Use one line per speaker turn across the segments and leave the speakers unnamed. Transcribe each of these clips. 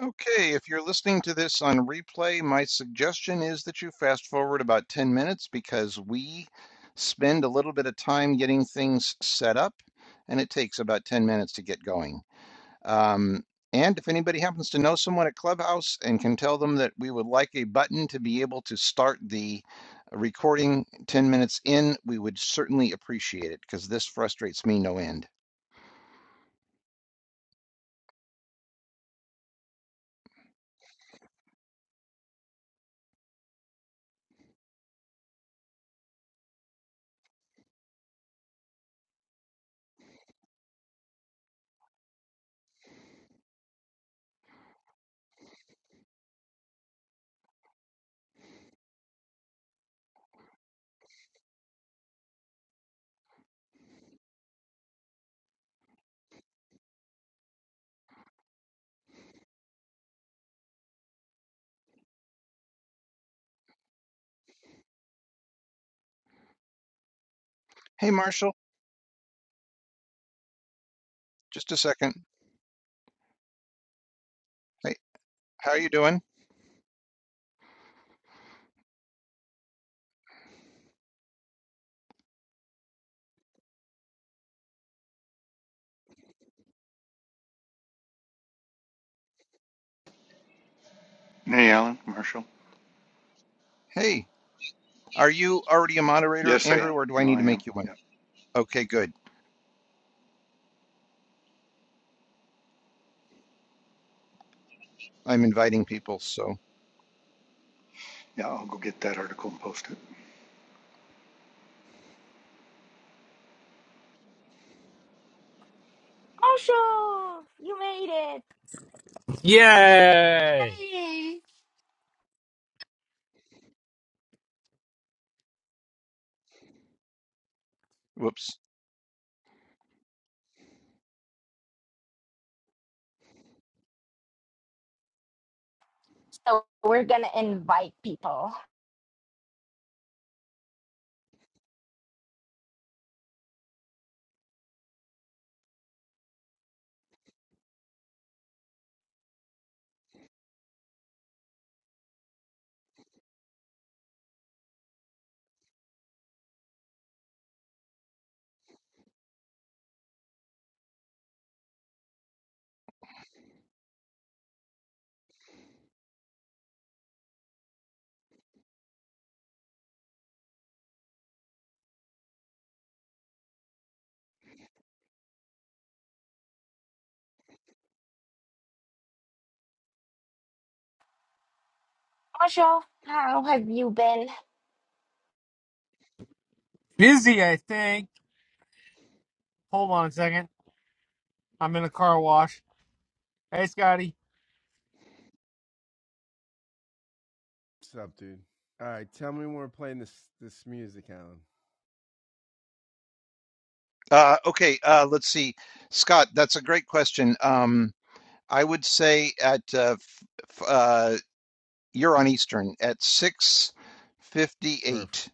Okay, if you're listening to this on replay, my suggestion is that you fast forward about 10 minutes because we spend a little bit of time getting things set up and it takes about 10 minutes to get going. Um, and if anybody happens to know someone at Clubhouse and can tell them that we would like a button to be able to start the recording 10 minutes in, we would certainly appreciate it because this frustrates me no end. Hey, Marshall, just a second. Hey, how are you doing?
Hey, Alan, Marshall.
Hey, are you already a moderator,
Yes, I
Andrew,
am.
or do I
No,
need
I
to
am.
make you one?
Yeah,
Okay, good. I'm inviting people, so
yeah. I'll go get that article and post it.
Osho, you made it.
Yay!
Yay.
whoops.
So we're going to invite people. Osho, how have you been?
Busy, I think. Hold on a second. I'm in a car wash. Hey, Scotty.
Uh, okay, uh, let's see. Scott, that's a great question. Um, I would say at uh, f f- uh, you're on Eastern at 6:58.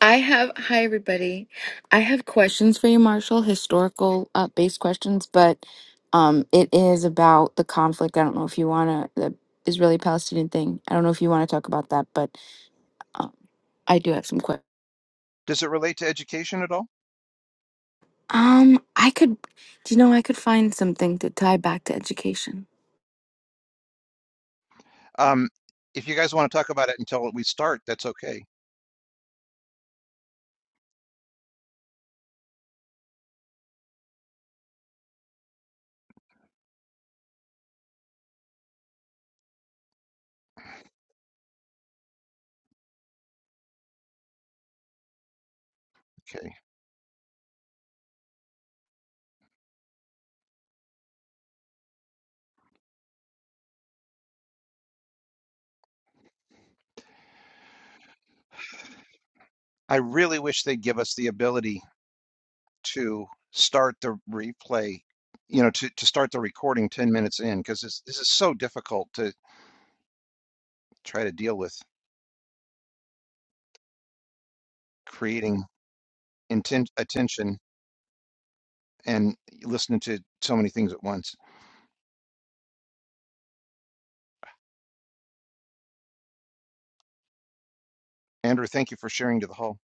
I have, hi everybody. I have questions for you, Marshall, historical uh, based questions, but um, it is about the conflict. I don't know if you want to, the Israeli Palestinian thing. I don't know if you want to talk about that, but um, I do have some questions.
Does it relate to education at all?
Um, I could, do you know, I could find something to tie back to education.
Um, if you guys want to talk about it until we start, that's okay. Okay. I really wish they'd give us the ability. to start the replay, you know, to, to start the recording 10 minutes in, because this, is so difficult to try to deal with creating intent attention and listening to so many things at once. Andrew, thank you for sharing to the hall.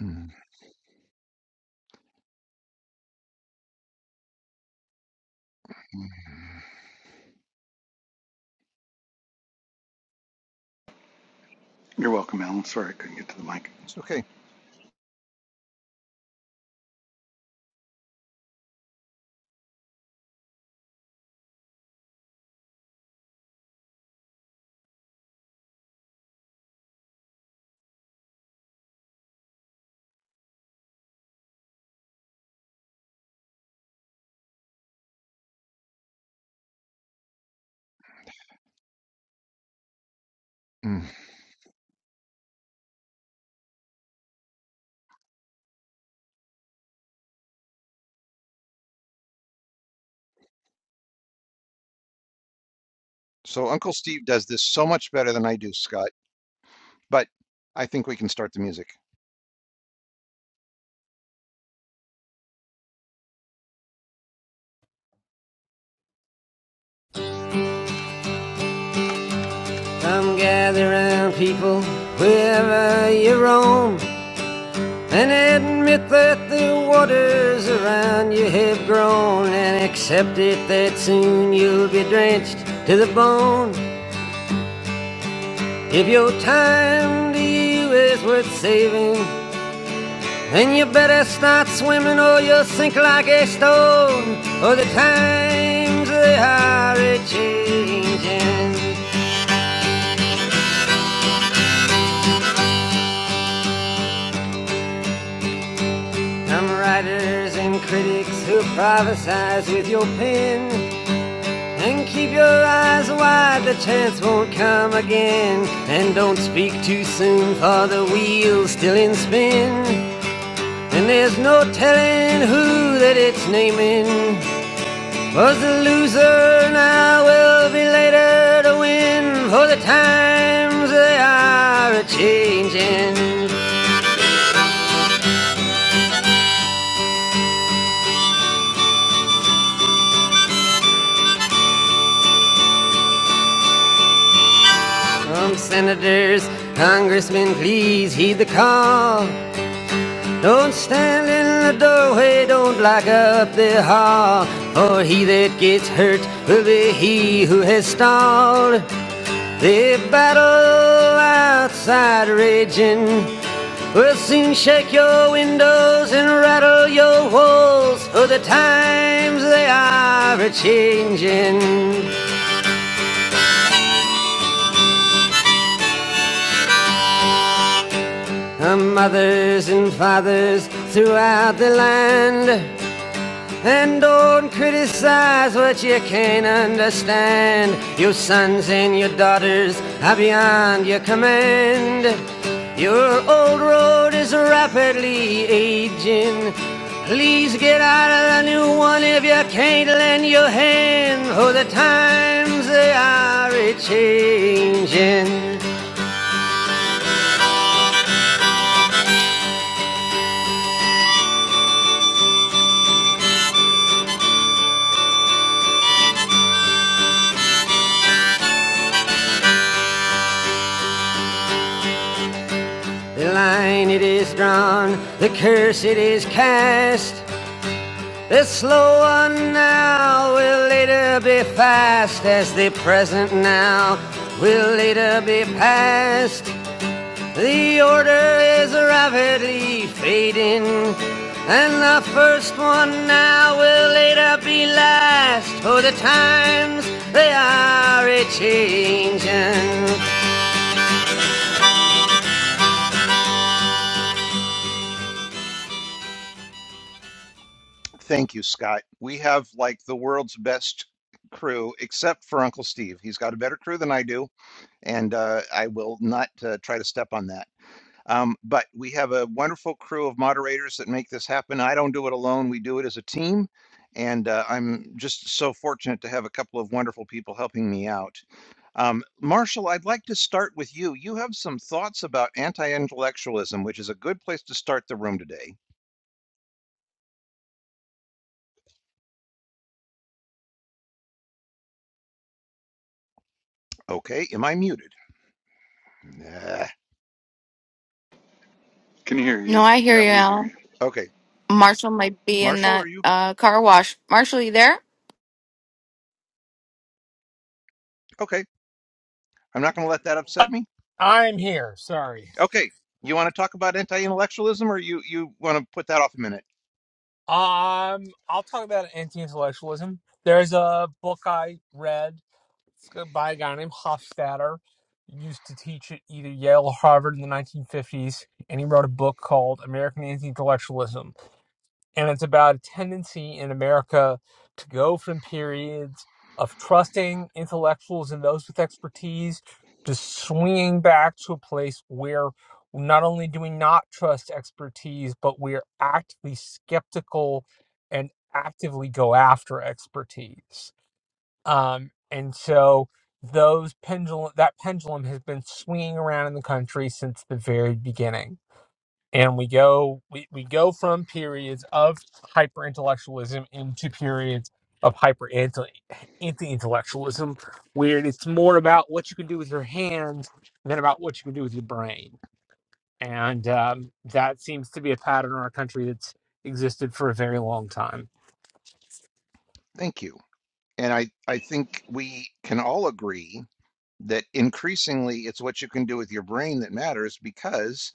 Mm, mm.
You're welcome, Alan. Sorry I couldn't get to the mic.
It's okay. Mm. So Uncle Steve does this so much better than I do, Scott, but I think we can start the music.
Come gather round, people, wherever you roam, and admit that the waters around you have grown, and accept it that soon you'll be drenched to the bone. If your time to you is worth saving, then you better start swimming or you'll sink like a stone, or the times they are a changing. Some writers and critics who prophesize with your pen. And keep your eyes wide, the chance won't come again. And don't speak too soon, for the wheel's still in spin. And there's no telling who that it's naming. Was the loser, now will be later to win. For the times they are a changing. From senators, congressmen, please heed the call. Don't stand in the doorway, don't block up the hall. For he that gets hurt will be he who has stalled. The battle outside raging will soon shake your windows and rattle your walls. For the times they are a changing. Mothers and fathers throughout the land. And don't criticize what you can't understand. Your sons and your daughters are beyond your command. Your old road is rapidly aging. Please get out of the new one if you can't lend your hand. For the times they are a changing. The line it is drawn, the curse it is cast. The slow one now will later be fast, as the present now will later be past. The order is rapidly fading, and the first one now will later be last, for the times they are a changing.
Thank you, Scott. We have like the world's best crew, except for Uncle Steve. He's got a better crew than I do and uh, I will not uh, try to step on that. Um, but we have a wonderful crew of moderators that make this happen. I don't do it alone, we do it as a team. And uh, I'm just so fortunate to have a couple of wonderful people helping me out. Um, Marshall, I'd like to start with you. You have some thoughts about anti intellectualism, which is a good place to start the room today. Okay, am I muted? Nah.
Can you hear
No,
you?
I hear
Yeah,
you,
we hear
Al.
you.
Okay,
Marshall might be in
Marshall,
that
are you
uh, car wash. Marshall, you there?
okay? I'm not going to let that upset me.
I'm here. Sorry.
Okay, you want to talk about anti-intellectualism, or you you want to put that off a minute?
Um, I'll talk about anti-intellectualism. There's a book I read it's go- by a guy named Hofstadter. He Used to teach at either Yale or Harvard in the 1950s, and he wrote a book called American Anti-Intellectualism and it's about a tendency in America to go from periods of trusting intellectuals and those with expertise to swinging back to a place where not only do we not trust expertise, but we're actively skeptical and actively go after expertise. Um, and so those pendulum that pendulum has been swinging around in the country since the very beginning and we go we, we go from periods of hyper intellectualism into periods of hyper anti intellectualism where it's more about what you can do with your hands than about what you can do with your brain and um, that seems to be a pattern in our country that's existed for a very long time
Thank you. And I I think we can all agree that increasingly it's what you can do with your brain that matters because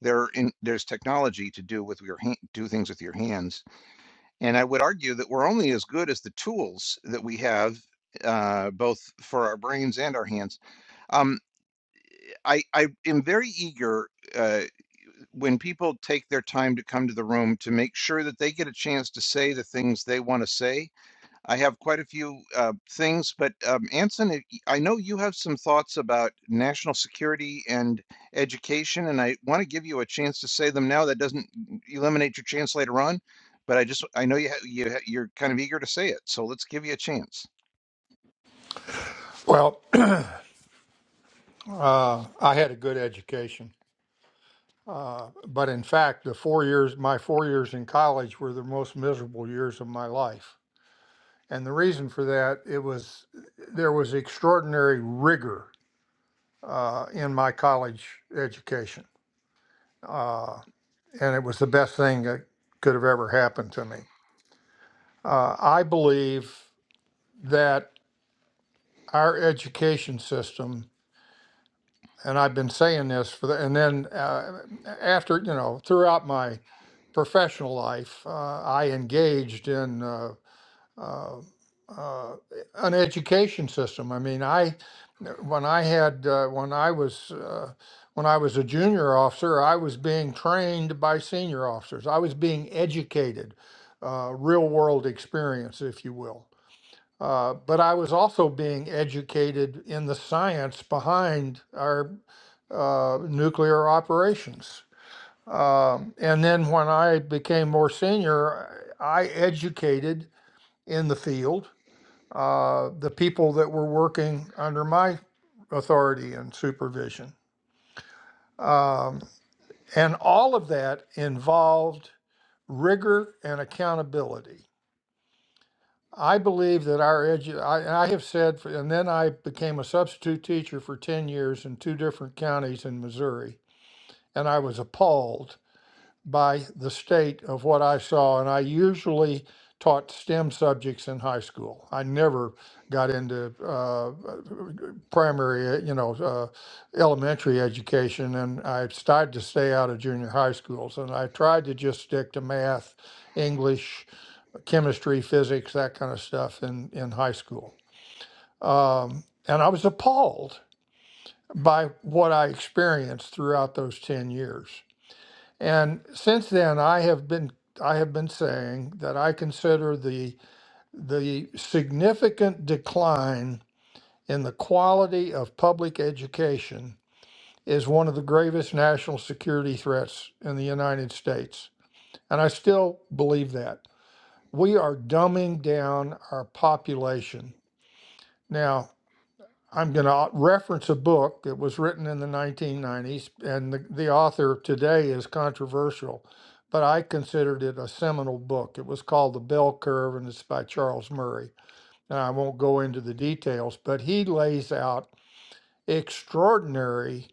there in, there's technology to do with your hand, do things with your hands. And I would argue that we're only as good as the tools that we have uh both for our brains and our hands um i i am very eager uh, when people take their time to come to the room to make sure that they get a chance to say the things they want to say. I have quite a few uh, things, but um, Anson, I I know you have some thoughts about national security and education, and I want to give you a chance to say them now. That doesn't e, eliminate your chance later on, but I just I know you ha- you ha- you're kind of eager to say it, so let's give you a chance.
Well, uh, I had a good education, but in fact, the four years, my four years in college were the most miserable years of my life. And the reason for that, it was there was extraordinary rigor uh, in my college education, uh, and it was the best thing that could have ever happened to me. Uh, I believe that our education system, and I've been saying this for the, and then uh, after you know throughout my professional life, uh, I engaged in uh, uh, uh, an education system. I mean, I when I had uh, when I was uh, when I was a junior officer, I was being trained by senior officers. I was being educated, uh, real world experience, if you will. Uh, but I was also being educated in the science behind our uh, nuclear operations. Um, and then when I became more senior, I educated in the field uh, the people that were working under my authority and supervision. Um, and all of that involved rigor and accountability. I believe that our edu- I, and I have said, for, and then I became a substitute teacher for 10 years in two different counties in Missouri, and I was appalled by the state of what I saw, and I usually taught STEM subjects in high school. I never got into uh, primary, uh, you know, uh, elementary education, and I tried to stay out of junior high schools. And I tried to just stick to math, English, chemistry, physics, that kind of stuff in in high school. Um, and I was appalled by what I experienced throughout those ten years. And since then, I have been I have been saying that I consider the the significant decline in the quality of public education is one of the gravest national security threats in the United States. And I still believe that. We are dumbing down our population. now. I'm going to reference a book that was written in the 1990s, and the, the author today is controversial, but I considered it a seminal book. It was called The Bell Curve, and it's by Charles Murray. And I won't go into the details, but he lays out extraordinary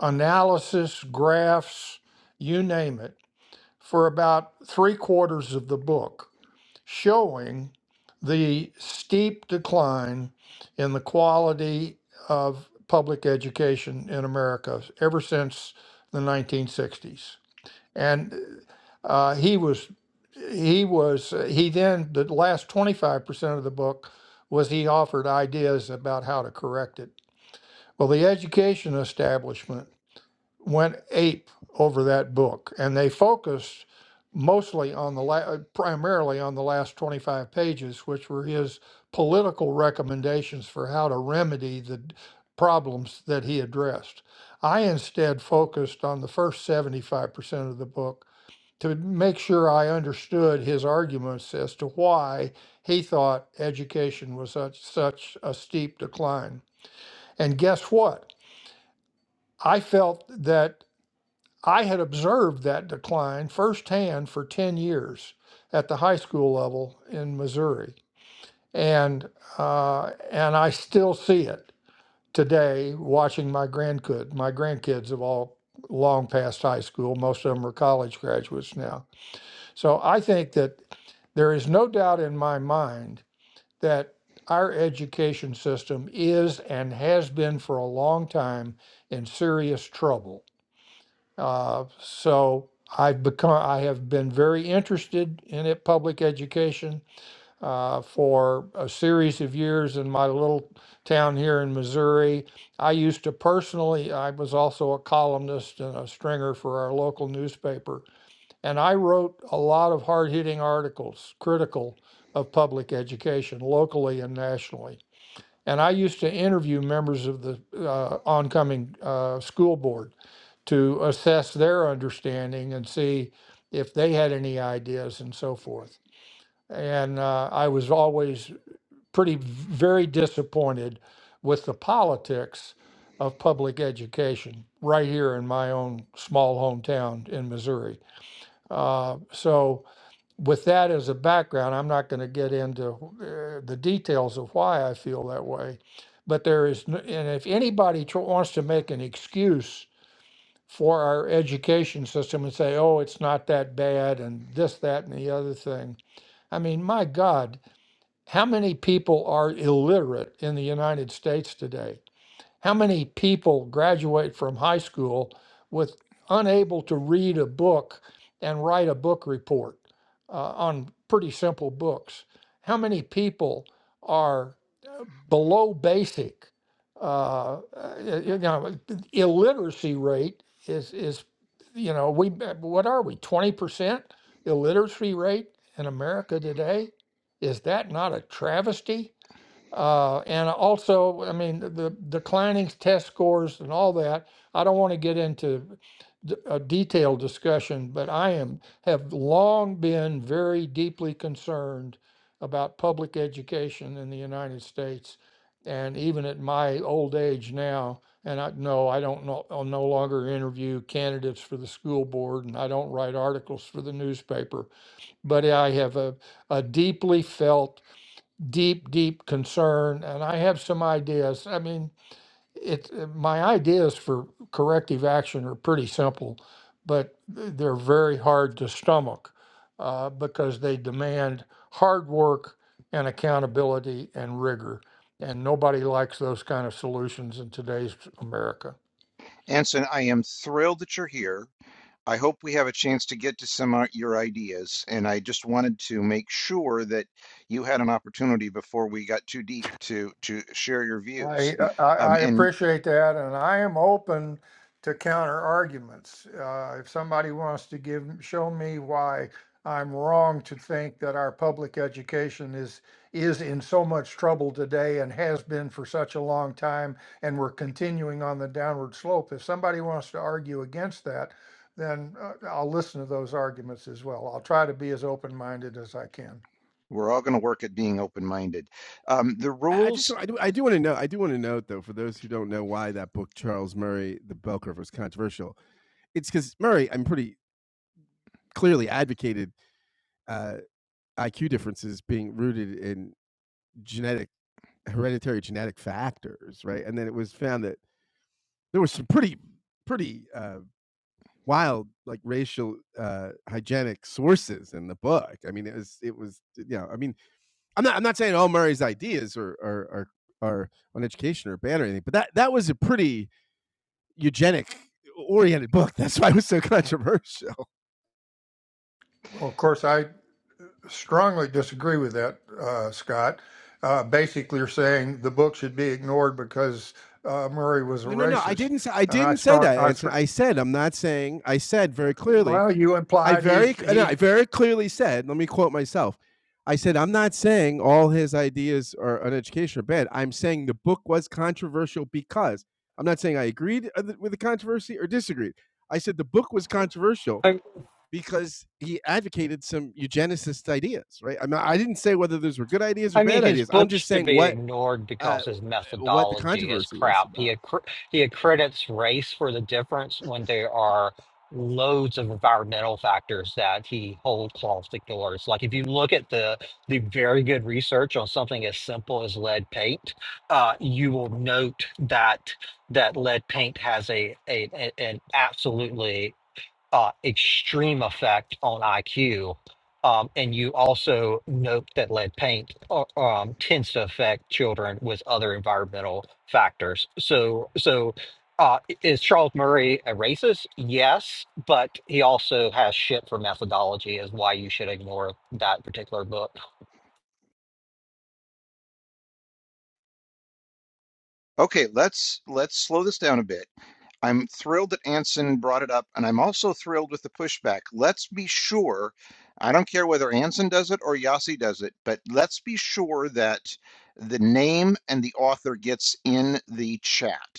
analysis, graphs, you name it, for about three quarters of the book showing the steep decline in the quality of public education in America ever since the 1960s. And uh, he was, he was, he then, the last 25% of the book was he offered ideas about how to correct it. Well, the education establishment went ape over that book, and they focused mostly on the la- uh, primarily on the last 25 pages, which were his political recommendations for how to remedy the d- problems that he addressed. I instead focused on the first 75% of the book to make sure I understood his arguments as to why he thought education was such such a steep decline. And guess what? I felt that I had observed that decline firsthand for 10 years at the high school level in Missouri. And, uh, and I still see it today watching my grandkid. My grandkids have all long past high school. Most of them are college graduates now. So I think that there is no doubt in my mind that our education system is and has been for a long time in serious trouble. Uh, so I've become, I have been very interested in it, public education, uh, for a series of years in my little town here in Missouri. I used to personally, I was also a columnist and a stringer for our local newspaper, and I wrote a lot of hard hitting articles critical of public education locally and nationally. And I used to interview members of the uh, oncoming uh, school board to assess their understanding and see if they had any ideas and so forth. And uh, I was always pretty very disappointed with the politics of public education right here in my own small hometown in Missouri. Uh, so, with that as a background, I'm not going to get into uh, the details of why I feel that way. But there is, n- and if anybody tr- wants to make an excuse for our education system and say, oh, it's not that bad and this, that, and the other thing. I mean, my God, how many people are illiterate in the United States today? How many people graduate from high school with unable to read a book and write a book report uh, on pretty simple books? How many people are uh, below basic? Uh, uh, you know, illiteracy rate is is you know we uh, what are we twenty percent illiteracy rate in America today? Is that not a travesty? Uh, and also, I mean, the the declining test scores and all that, I don't want to get into d- a detailed discussion, but I am, have long been very deeply concerned about public education in the United States. And even at my old age now, and I no, I don't know, I'll no longer interview candidates for the school board and I don't write articles for the newspaper, but I have a, a deeply felt deep, deep concern, and I have some ideas. I mean, it's uh, my ideas for corrective action are pretty simple, but th- they're very hard to stomach uh, because they demand hard work and accountability and rigor, and nobody likes those kind of solutions in today's America.
Anson, I am thrilled that you're here. I hope we have a chance to get to some of your ideas, and I just wanted to make sure that you had an opportunity before we got too deep to to share your
I,
views.
I I
Um, and
appreciate that, and I am open to counter arguments. Uh, if somebody wants to give, show me why I'm wrong to think that our public education is is in so much trouble today and has been for such a long time, and we're continuing on the downward slope. If somebody wants to argue against that, then uh, I'll listen to those arguments as well. I'll try to be as open minded as I can.
we're all going to work at being open-minded. Um, the rules
Well, of course, I strongly disagree with that, uh, Scott. Uh, basically, you're saying the book should be ignored because uh, Murray was a racist, and I strong. I str- well, you implied he's he's.
I, I mean, his book should be ignored because his methodology is crap. He accr he accredits race for the difference when there are loads of environmental factors that he whole cloth ignores. Like if you look at the the very good research on something as simple as lead paint, uh, you will note that that lead paint has a, a, a an absolutely uh, extreme effect on IQ. Um, and you also note that lead paint uh, um, tends to affect children with other environmental factors. So, so uh, is Charles Murray a racist? Yes, but he also has shit for methodology, is why you should ignore that particular book.
Okay, let's let's slow this down a bit. I'm thrilled that Anson brought it up, and I'm also thrilled with the pushback. Let's be sure, I don't care whether Anson does it or Yossi does it, but let's be sure that the name and the author gets in the chat.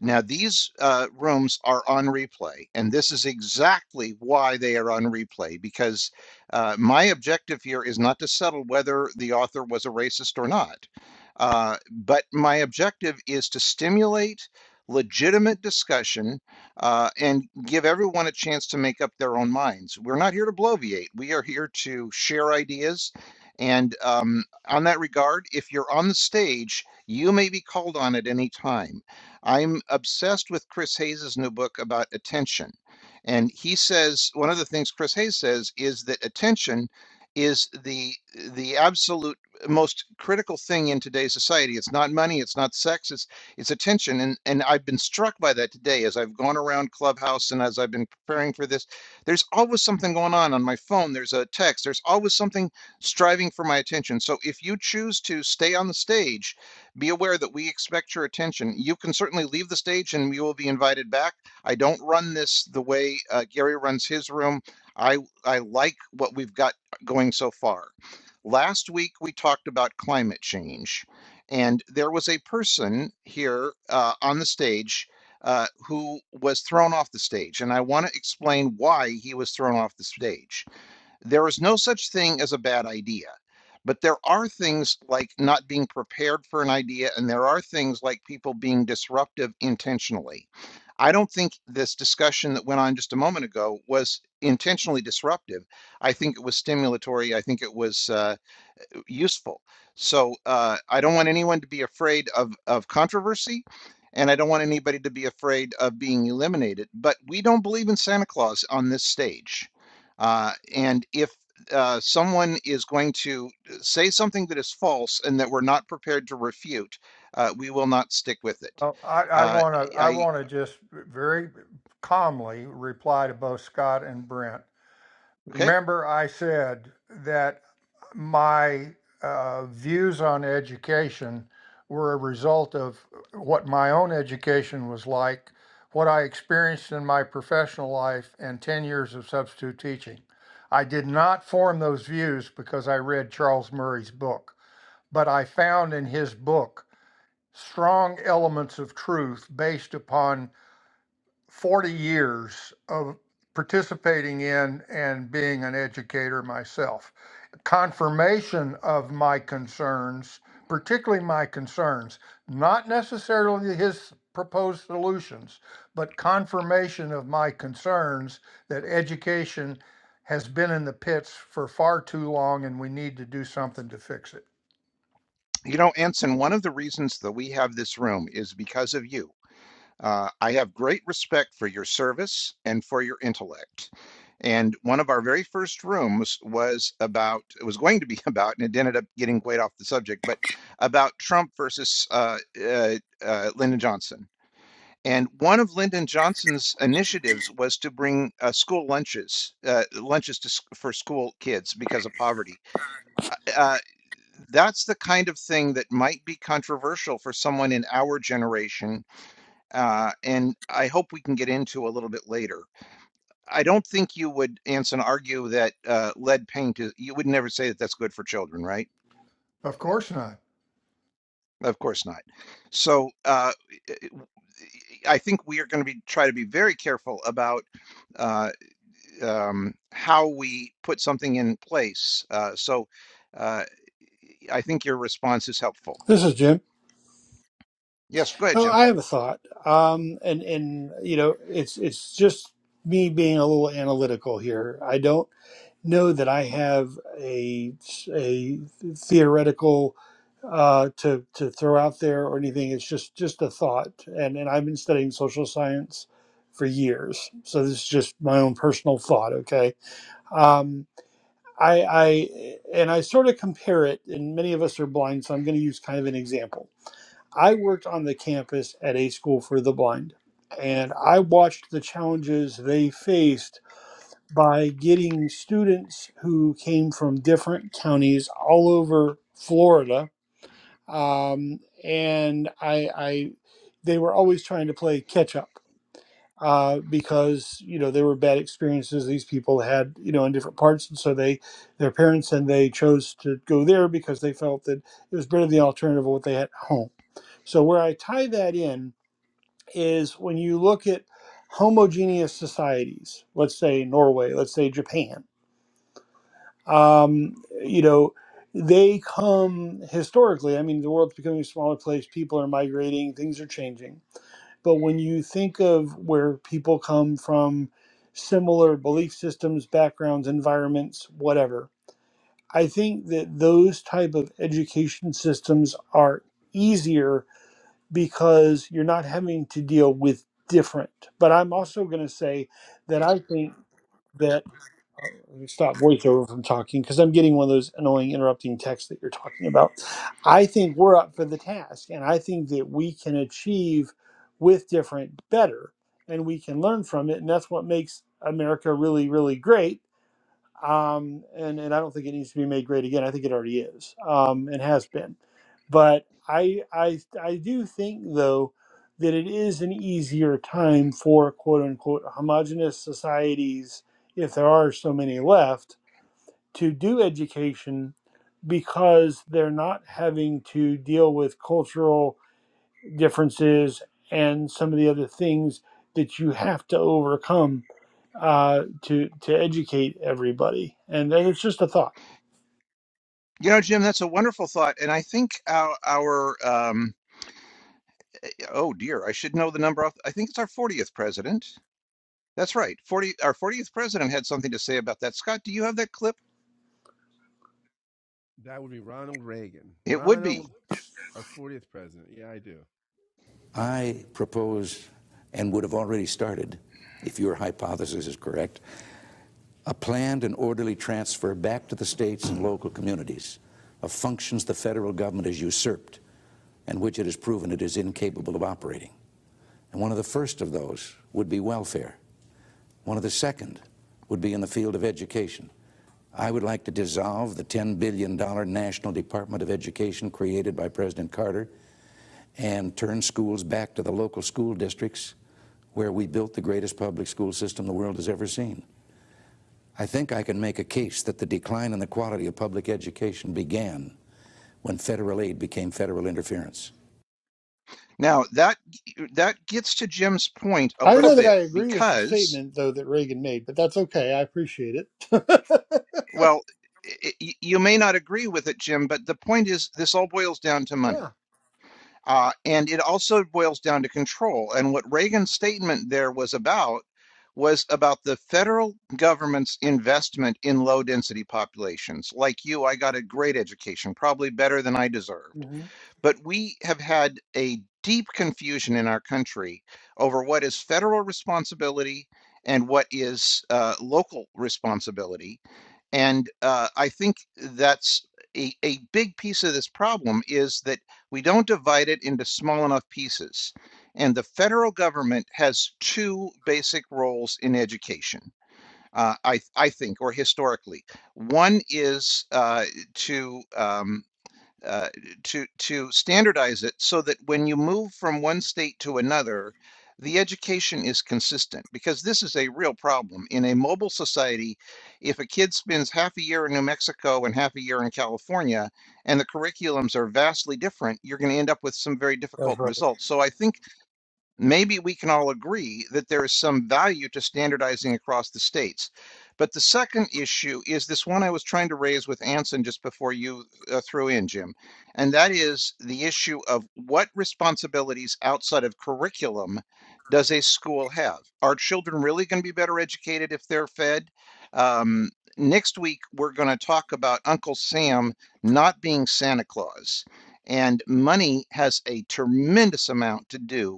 Now, these uh, rooms are on replay, and this is exactly why they are on replay because uh, my objective here is not to settle whether the author was a racist or not. Uh, but my objective is to stimulate legitimate discussion uh, and give everyone a chance to make up their own minds. We're not here to bloviate, we are here to share ideas. And um, on that regard, if you're on the stage, you may be called on at any time. I'm obsessed with Chris Hayes's new book about attention. And he says one of the things Chris Hayes says is that attention is the the absolute most critical thing in today's society. It's not money, it's not sex, it's it's attention. And and I've been struck by that today as I've gone around Clubhouse and as I've been preparing for this. There's always something going on on my phone. There's a text. There's always something striving for my attention. So if you choose to stay on the stage be aware that we expect your attention. You can certainly leave the stage and you will be invited back. I don't run this the way uh, Gary runs his room. I, I like what we've got going so far. Last week, we talked about climate change, and there was a person here uh, on the stage uh, who was thrown off the stage. And I want to explain why he was thrown off the stage. There is no such thing as a bad idea, but there are things like not being prepared for an idea, and there are things like people being disruptive intentionally. I don't think this discussion that went on just a moment ago was intentionally disruptive. I think it was stimulatory. I think it was. uh, useful. So uh, I don't want anyone to be afraid of, of controversy, and I don't want anybody to be afraid of being eliminated. But we don't believe in Santa Claus on this stage. Uh, and if uh, someone is going to say something that is false and that we're not prepared to refute, uh, we will not stick with it.
Uh, I I
Uh,
want to I
I
want to just very calmly reply to both Scott and Brent.
okay.
Remember, I said that my uh, views on education were a result of what my own education was like, what I experienced in my professional life, and 10 years of substitute teaching. I did not form those views because I read Charles Murray's book, but I found in his book strong elements of truth based upon 40 years of participating in and being an educator myself. Confirmation of my concerns, particularly my concerns, not necessarily his proposed solutions, but confirmation of my concerns that education has been in the pits for far too long and we need to do something to fix it.
You know, Anson, one of the reasons that we have this room is because of you. Uh, I have great respect for your service and for your intellect. And one of our very first rooms was about, it was going to be about, and it ended up getting way off the subject, but about Trump versus uh, uh, uh, Lyndon Johnson. And one of Lyndon Johnson's initiatives was to bring uh, school lunches, uh, lunches to, s- for school kids because of poverty. Uh, uh, that's the kind of thing that might be controversial for someone in our generation uh, and I hope we can get into a little bit later. I don't think you would, Anson, argue that uh, lead paint is, you would never say that that's good for children, right?
Of course not.
Of course not. So uh, I think we are going to be try to be very careful about uh, um, how we put something in place. Uh, so uh, I think your response is helpful.
This is Jim.
Yes, go ahead,
Oh,
Jim.
I have a thought. Um, and and you know, it's it's just me being a little analytical here. I don't know that I have a a theoretical uh, to to throw out there or anything. It's just just a thought. And and I've been studying social science for years, so this is just my own personal thought. Okay. Um, I, I and I sort of compare it, and many of us are blind, so I'm going to use kind of an example I worked on the campus at a school for the blind, and I watched the challenges they faced by getting students who came from different counties all over Florida. Um, and I, I, they were always trying to play catch up uh, because you know there were bad experiences these people had you know in different parts, and so they, their parents and they chose to go there because they felt that it was better than the alternative of what they had at home. So where I tie that in is when you look at homogeneous societies, let's say Norway, let's say Japan, um, you know, they come historically. I mean, the world's becoming a smaller place, people are migrating, things are changing. But when you think of where people come from, similar belief systems, backgrounds, environments, whatever, I think that those type of education systems are easier because you're not having to deal with different. But I'm also going to say that I think that uh, let me stop voiceover from talking because I'm getting one of those annoying interrupting texts that you're talking about. I think we're up for the task, and I think that we can achieve with different better, and we can learn from it, and that's what makes America really, really great um, and and I don't think it needs to be made great again. I think it already is um, and has been. But I I I do think though that it is an easier time for quote unquote homogenous societies, if there are so many left, to do education because they're not having to deal with cultural differences and some of the other things that you have to overcome uh, to to educate everybody. And, and it's just a thought.
You know, Jim, that's a wonderful thought, and I think our, our um, Oh dear, I should know the number off. I think it's our 40th president. That's right. 40 our 40th president had something to say about that. Scott, do you have that clip? It would be. Now, that that gets to Jim's point a
I don't
little
know that I
bit
agree with the
because
statement though that Reagan made, but that's okay. I appreciate it.
well, i you may not agree with it, Jim, but the point is this all boils down to money
yeah,
Uh, and it also boils down to control. And what Reagan's statement there was about was about the federal government's investment in low density populations. Like you, I got a great education, probably better than I deserved.
hmm
But we have had a deep confusion in our country over what is federal responsibility and what is uh, local responsibility. And uh, I think that's a, a big piece of this problem is that we don't divide it into small enough pieces. And the federal government has two basic roles in education, uh, I, I think, or historically. One is uh, to um, uh, to to standardize it so that when you move from one state to another, the education is consistent because this is a real problem in a mobile society. If a kid spends half a year in New Mexico and half a year in California, and the curriculums are vastly different, you're going to end up with some very
that's
difficult
right.
results. So I think Maybe we can all agree that there is some value to standardizing across the states. But the second issue is this one I was trying to raise with Anson just before you uh, threw in, Jim. And that is the issue of what responsibilities outside of curriculum does a school have? Are children really going to be better educated if they're fed? Um, next week, we're going to talk about Uncle Sam not being Santa Claus. And money has a tremendous amount to do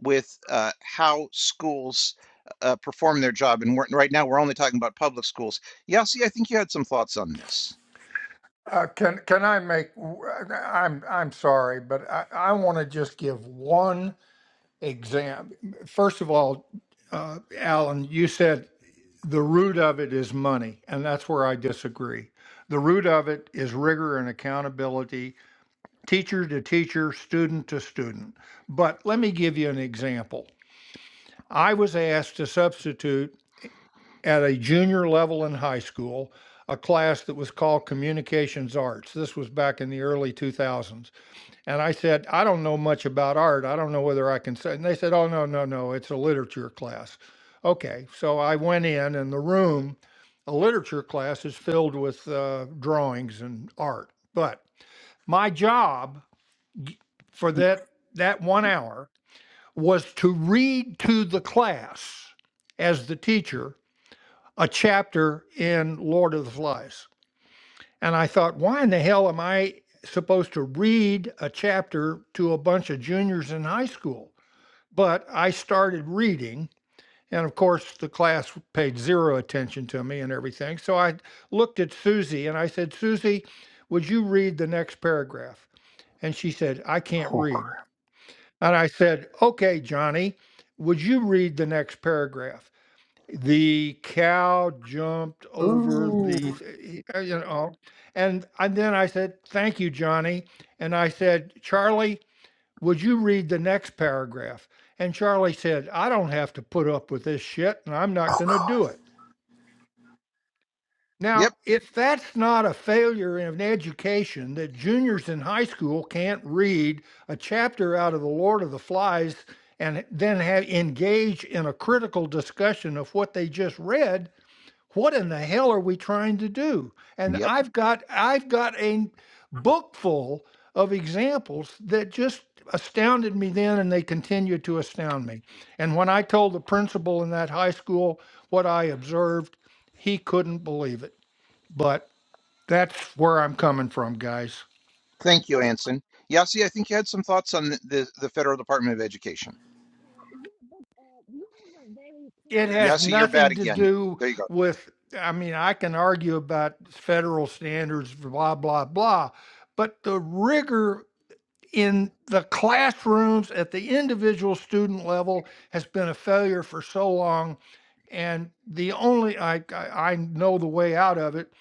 with uh, how schools uh, perform their job. And we're, right now, we're only talking about public schools. Yasi, I think you had some thoughts on this.
Uh, can can I make? i am I'm I'm sorry, but I, I want to just give one exam. First of all, uh, Alan, you said the root of it is money, and that's where I disagree. The root of it is rigor and accountability, teacher to teacher, student to student. But let me give you an example. I was asked to substitute at a junior level in high school a class that was called Communications Arts. This was back in the early 2000s. And I said, "I don't know much about art. I don't know whether I can say." And they said, "Oh, no, no, no. It's a literature class." Okay. So I went in, and the room, a literature class, is filled with uh, drawings and art. But my job for that that one hour was to read to the class as the teacher a chapter in Lord of the Flies. And I thought, why in the hell am I supposed to read a chapter to a bunch of juniors in high school? But I started reading, and of course, the class paid zero attention to me and everything. So I looked at Susie and I said, Susie, would you read the next paragraph? And she said, I can't
Oh,
read.
great.
And I said, Okay, Johnny, would you read the next paragraph? The cow jumped over
Ooh.
the, you know, and, and then I said, Thank you, Johnny. And I said, Charlie, would you read the next paragraph? And Charlie said, I don't have to put up with this shit and I'm not
oh
going to
God.
do it. Now,
Yep,
if that's not a failure in education that juniors in high school can't read a chapter out of The Lord of the Flies and then have, engage in a critical discussion of what they just read, what in the hell are we trying to do and
yep.
i've got i've got a book full of examples that just astounded me then and they continue to astound me and when i told the principal in that high school what i observed he couldn't believe it but that's where i'm coming from guys
Thank you, Anson. Yasi, I think you had some thoughts on the, the, the Federal Department of Education.
it has
Yasi, you're bad
nothing to
again.
do
There you go.
with i mean i can argue about federal standards blah blah blah but the rigor in the classrooms at the individual student level has been a failure for so long. And the only, I, I, I know the way out of it,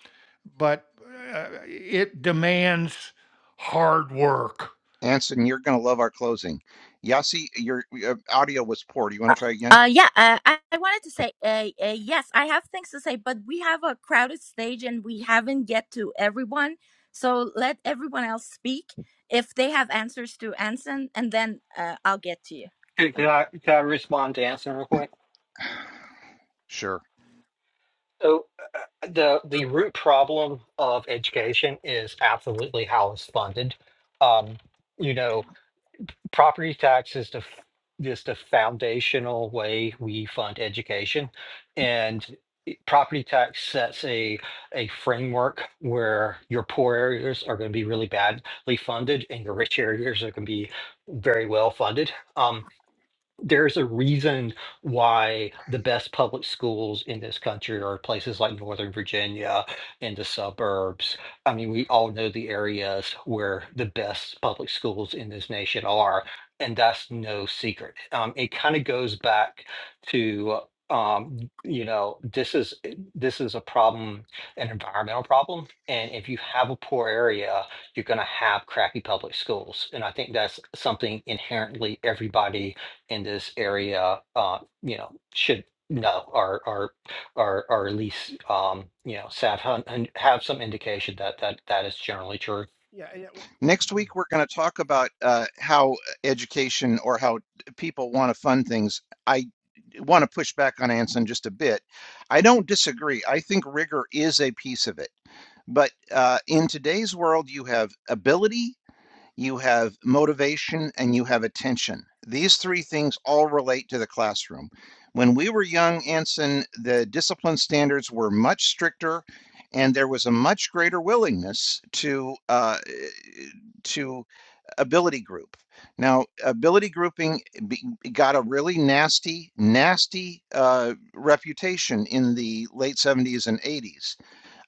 but uh, it demands hard work.
Anson, you're going to love our closing. Yasi, your uh, audio was poor. Do you want to try again?
Uh, yeah, uh, I, I wanted to say, uh, uh, yes, I have things to say, but we have a crowded stage and we haven't get to everyone. So let everyone else speak if they have answers to Anson, and then uh, I'll get to you.
Can, can
Okay.
I can I respond to Anson real quick?
Sure.
So uh, the the root problem of education is absolutely how it's funded. Um, you know, property tax is the f- is the foundational way we fund education, and i- property tax sets a a framework where your poor areas are going to be really badly funded and your rich areas are going to be very well funded. Um, there's a reason why the best public schools in this country are places like Northern Virginia and the suburbs. I mean, we all know the areas where the best public schools in this nation are, and that's no secret. Um, it kind of goes back to um you know this is this is a problem an environmental problem and if you have a poor area you're going to have crappy public schools and i think that's something inherently everybody in this area, uh, you know, should know or or or or at least um, you know, sat hun- and have some indication that that that is generally true.
Next week, we're going to talk about uh, how education or how people want to fund things. I want to push back on Anson just a bit. I don't disagree. I think rigor is a piece of it. But uh, in today's world, you have ability you have motivation, and you have attention. These three things all relate to the classroom. When we were young, Anson, the discipline standards were much stricter, and there was a much greater willingness to uh, to ability group. Now, ability grouping got a really nasty, nasty uh, reputation in the late 70s and 80s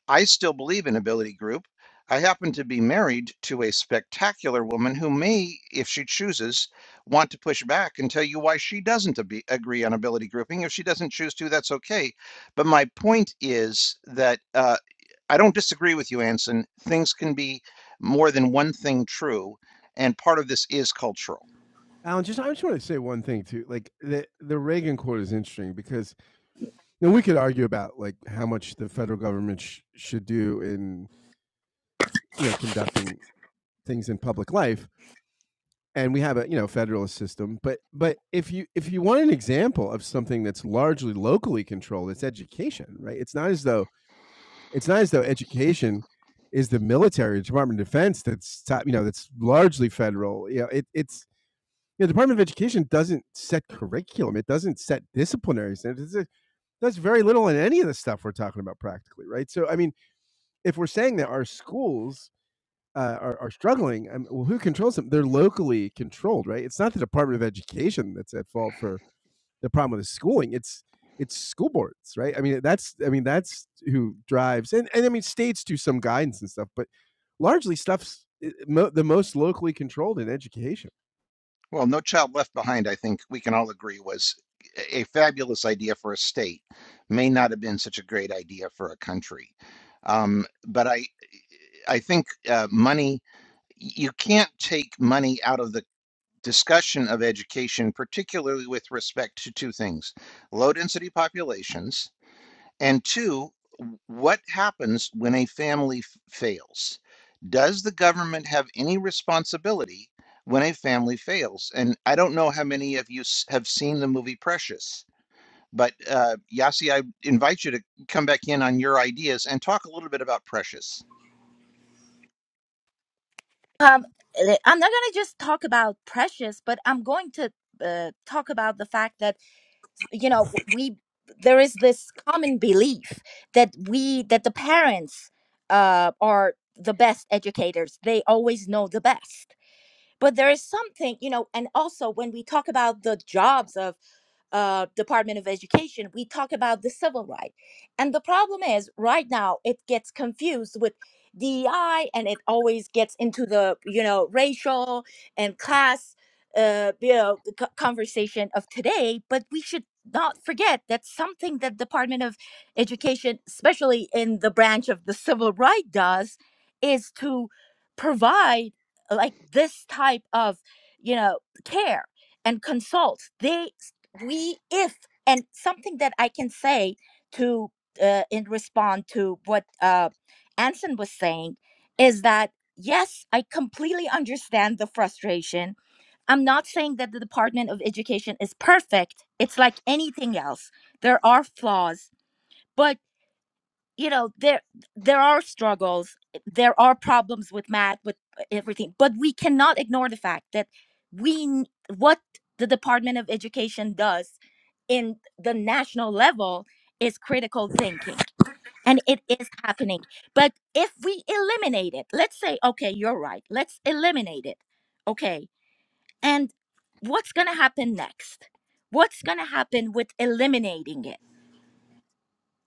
I still believe in Ability Group. I happen to be married to a spectacular woman who may, if she chooses, want to push back and tell you why she doesn't ab- agree on ability grouping. If she doesn't choose to, that's okay. But my point is that uh, I don't disagree with you, Anson. Things can be more than one thing true, and part of this is cultural. Well, No Child Left Behind, I think we can all agree, was a fabulous idea for a state, may not have been such a great idea for a country. Um, but I, I think uh, money, you can't take money out of the discussion of education, particularly with respect to two things low density populations and two, what happens when a family f- fails? Does the government have any responsibility when a family fails? And I don't know how many of you s- have seen the movie Precious, but uh, Yasi, I invite you to come back in on your ideas and talk a little bit about Precious.
Um, le- I'm not going to just talk about Precious, but I'm going to uh, talk about the fact that you know w- we there is this common belief that we that the parents uh, are the best educators. They always know the best but there is something you know and also when we talk about the jobs of uh, department of education we talk about the civil right and the problem is right now it gets confused with dei and it always gets into the you know racial and class uh, you know, the conversation of today but we should not forget that something that department of education especially in the branch of the civil right does is to provide like this type of you know care and consult they we if and something that i can say to uh, in response to what uh anson was saying is that yes i completely understand the frustration i'm not saying that the department of education is perfect it's like anything else there are flaws but you know there there are struggles eh, there are problems with math with eh, everything but we cannot ignore the fact that we n- what the department of education does in the national level is critical thinking and it is happening but if we eliminate it let's say okay you're right let's eliminate it okay and what's going to happen next what's going to happen with eliminating it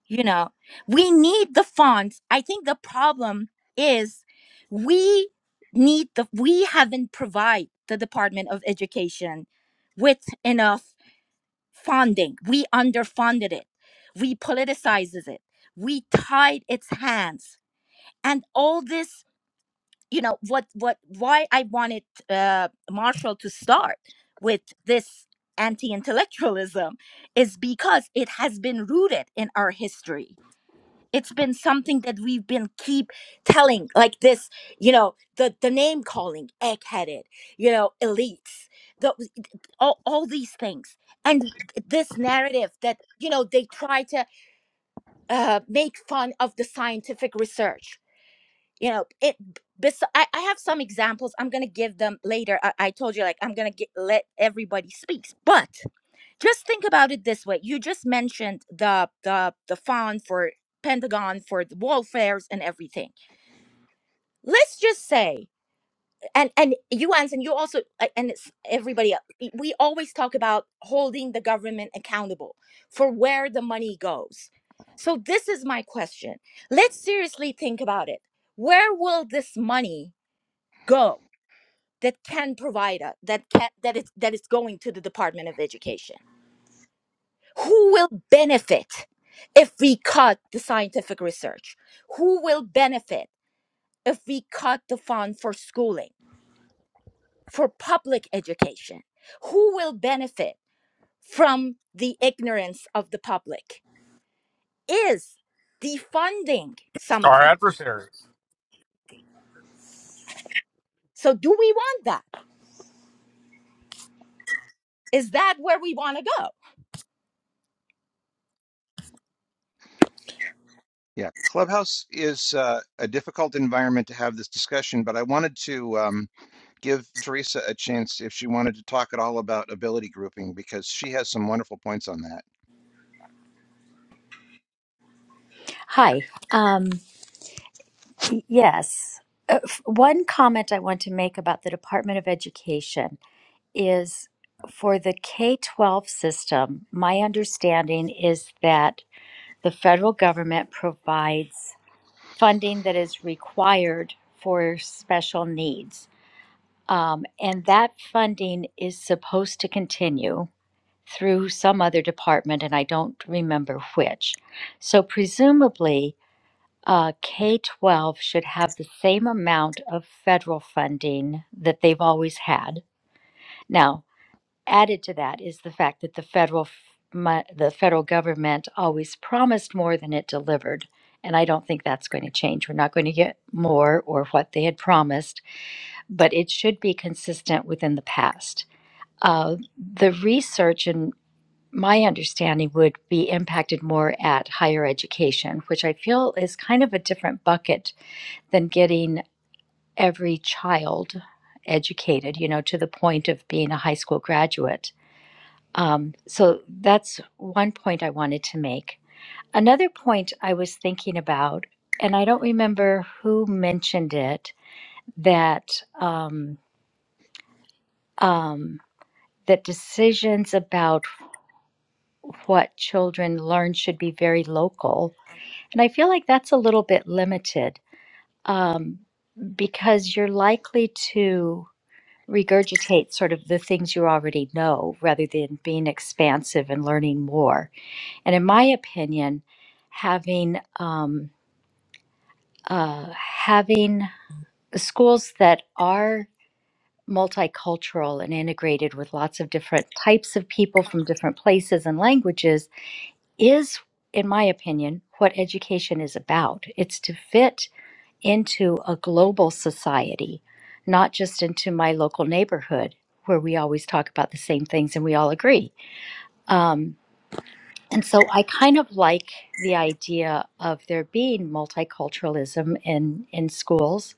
you know we need the fonts i think the problem is we need the we haven't provide the department of education with enough funding we underfunded it we politicizes it we tied its hands and all this you know what what why i wanted uh, marshall to start with this anti-intellectualism is because it has been rooted in our history it's been something that we've been keep telling like this you know the the name calling egg-headed you know elites the, all, all these things and this narrative that you know they try to uh, make fun of the scientific research you know it bes- I, I have some examples i'm gonna give them later i, I told you like i'm gonna get, let everybody speaks but just think about it this way you just mentioned the the the fund for pentagon for the warfares and everything let's just say and and you and you also a- and it's everybody else, we we always talk about holding the government accountable for where the money goes so this is my question let's seriously think about it where will this money go that can provide a, that can that is that is going to the department of education Who will benefit if we cut the scientific research? Who will benefit if we cut the fund for schooling, for public education? Who will benefit from the ignorance of the public? Is defunding
our
something?
adversaries
So, do we want that? Is that where we want to go?
Yeah, Clubhouse is uh, a difficult environment to have this discussion, but I wanted to um, give Teresa a chance if she wanted to talk at all about ability grouping because she has some wonderful points on that.
Hi. Um, yes. Uh, f- one comment I want to make about the Department of Education is for the K 12 system, my understanding is that the federal government provides funding that is required for special needs. Um, and that funding is supposed to continue through some other department, and I don't remember which. So, presumably, uh, K 12 should have the same amount of federal funding that they've always had. Now, added to that is the fact that the federal f- mo- the federal government always promised more than it delivered. And I don't think that's going to change. We're not going to get more or what they had promised, but it should be consistent within the past. Uh, the research and my understanding would be impacted more at higher education, which I feel is kind of a different bucket than getting every child educated, you know, to the point of being a high school graduate. Um, so that's one point I wanted to make. Another point I was thinking about, and I don't remember who mentioned it, that um, um, that decisions about what children learn should be very local, and I feel like that's a little bit limited um, because you're likely to. regurgitate sort of the things you already know rather than being expansive and learning more. And in my opinion, having um, uh, having schools that are multicultural and integrated with lots of different types of people from different places and languages is, in my opinion, what education is about. It's to fit into a global society, not just into my local neighborhood where we always talk about the same things and we all agree. Um, and so I kind of like the idea of there being multiculturalism in, in schools.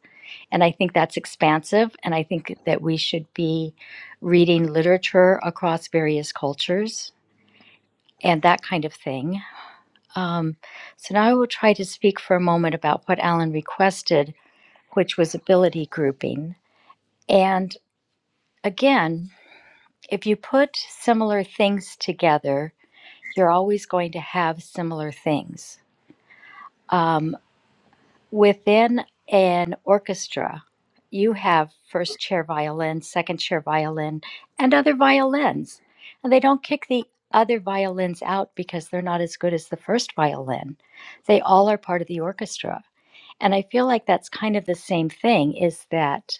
And I think that's expansive. And I think that we should be reading literature across various cultures and that kind of thing. Um, so now I will try to speak for a moment about what Alan requested, which was ability grouping. And again, if you put similar things together, you're always going to have similar things. Um, within an orchestra, you have first chair violin, second chair violin, and other violins. And they don't kick the other violins out because they're not as good as the first violin. They all are part of the orchestra. And I feel like that's kind of the same thing is that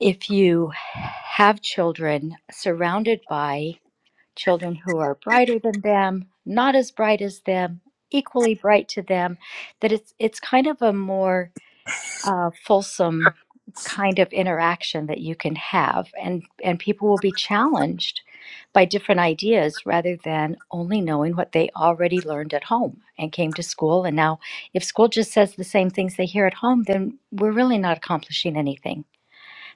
if you have children surrounded by children who are brighter than them, not as bright as them, equally bright to them, that it's it's kind of a more uh, fulsome kind of interaction that you can have, and and people will be challenged by different ideas rather than only knowing what they already learned at home and came to school. And now, if school just says the same things they hear at home, then we're really not accomplishing anything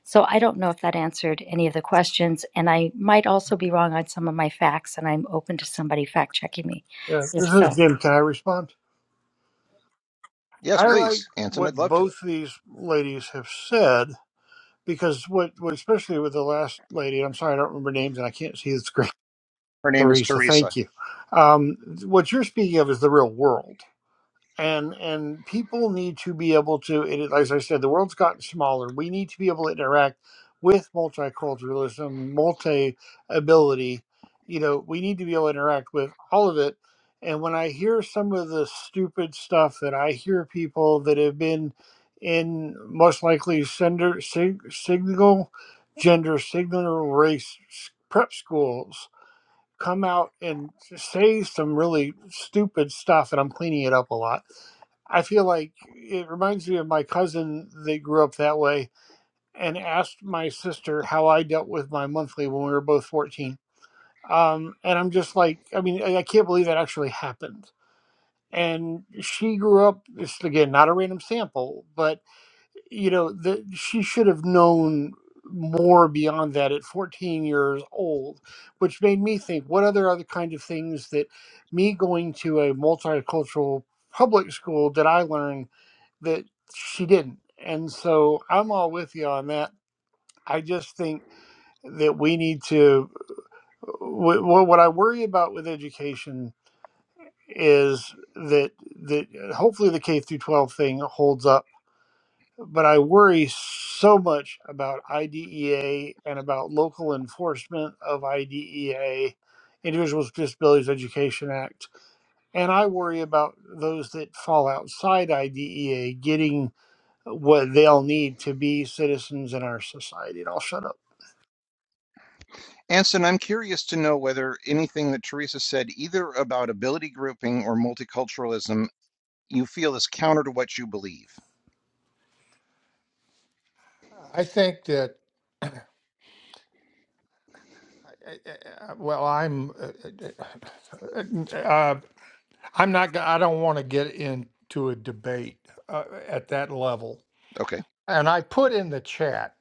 so I don't know if that answered any of the questions. And I might also be wrong on some of my facts, and I'm open to somebody fact checking me
Yeah, this
if
is
so.
Jim. Can I respond?
Yes,
I like
please, Anson.
what
I'd love to.
both these ladies have said because what, what especially with the last lady, I'm sorry I don't remember names and I can't see the screen
Her name is
Theresa,
Teresa.
thank you. Um, what you're speaking of is the real world, and and people need to be able to. It, is- as I said, the world's gotten smaller. We need to be able to interact with multiculturalism, multi ability. You know, we need to be able to interact with all of it. And when I hear some of the stupid stuff that I hear people that have been in most likely sender, sig, signal, gender, signal race s- prep schools come out and say some really stupid stuff, and I'm cleaning it up a lot. I feel like it reminds me of my cousin that grew up that way and asked my sister how I dealt with my monthly when we were both 14. Um, and I'm just like, I mean, I I can't believe that actually happened. And she grew up, this again, not a random sample, but you know that she should have known more beyond that at 14 years old which made me think what other other kind of things that me going to a multicultural public school did i learn that she didn't and so i'm all with you on that i just think that we need to wh- what i worry about with education is that that uh, hopefully the k through 12 thing holds up but I worry so much about IDEA and about local enforcement of IDEA, Individuals with Disabilities Education Act. And I worry about those that fall outside IDEA getting what they'll need to be citizens in our society. And I'll shut up.
Anson, I'm curious to know whether anything that Teresa said, either about ability grouping or multiculturalism, you feel is counter to what you believe.
I think that, uh, uh, well, I'm, uh, uh, uh, I'm not, go- I don't want to get into a debate uh, at that level.
Okay.
And I put in the chat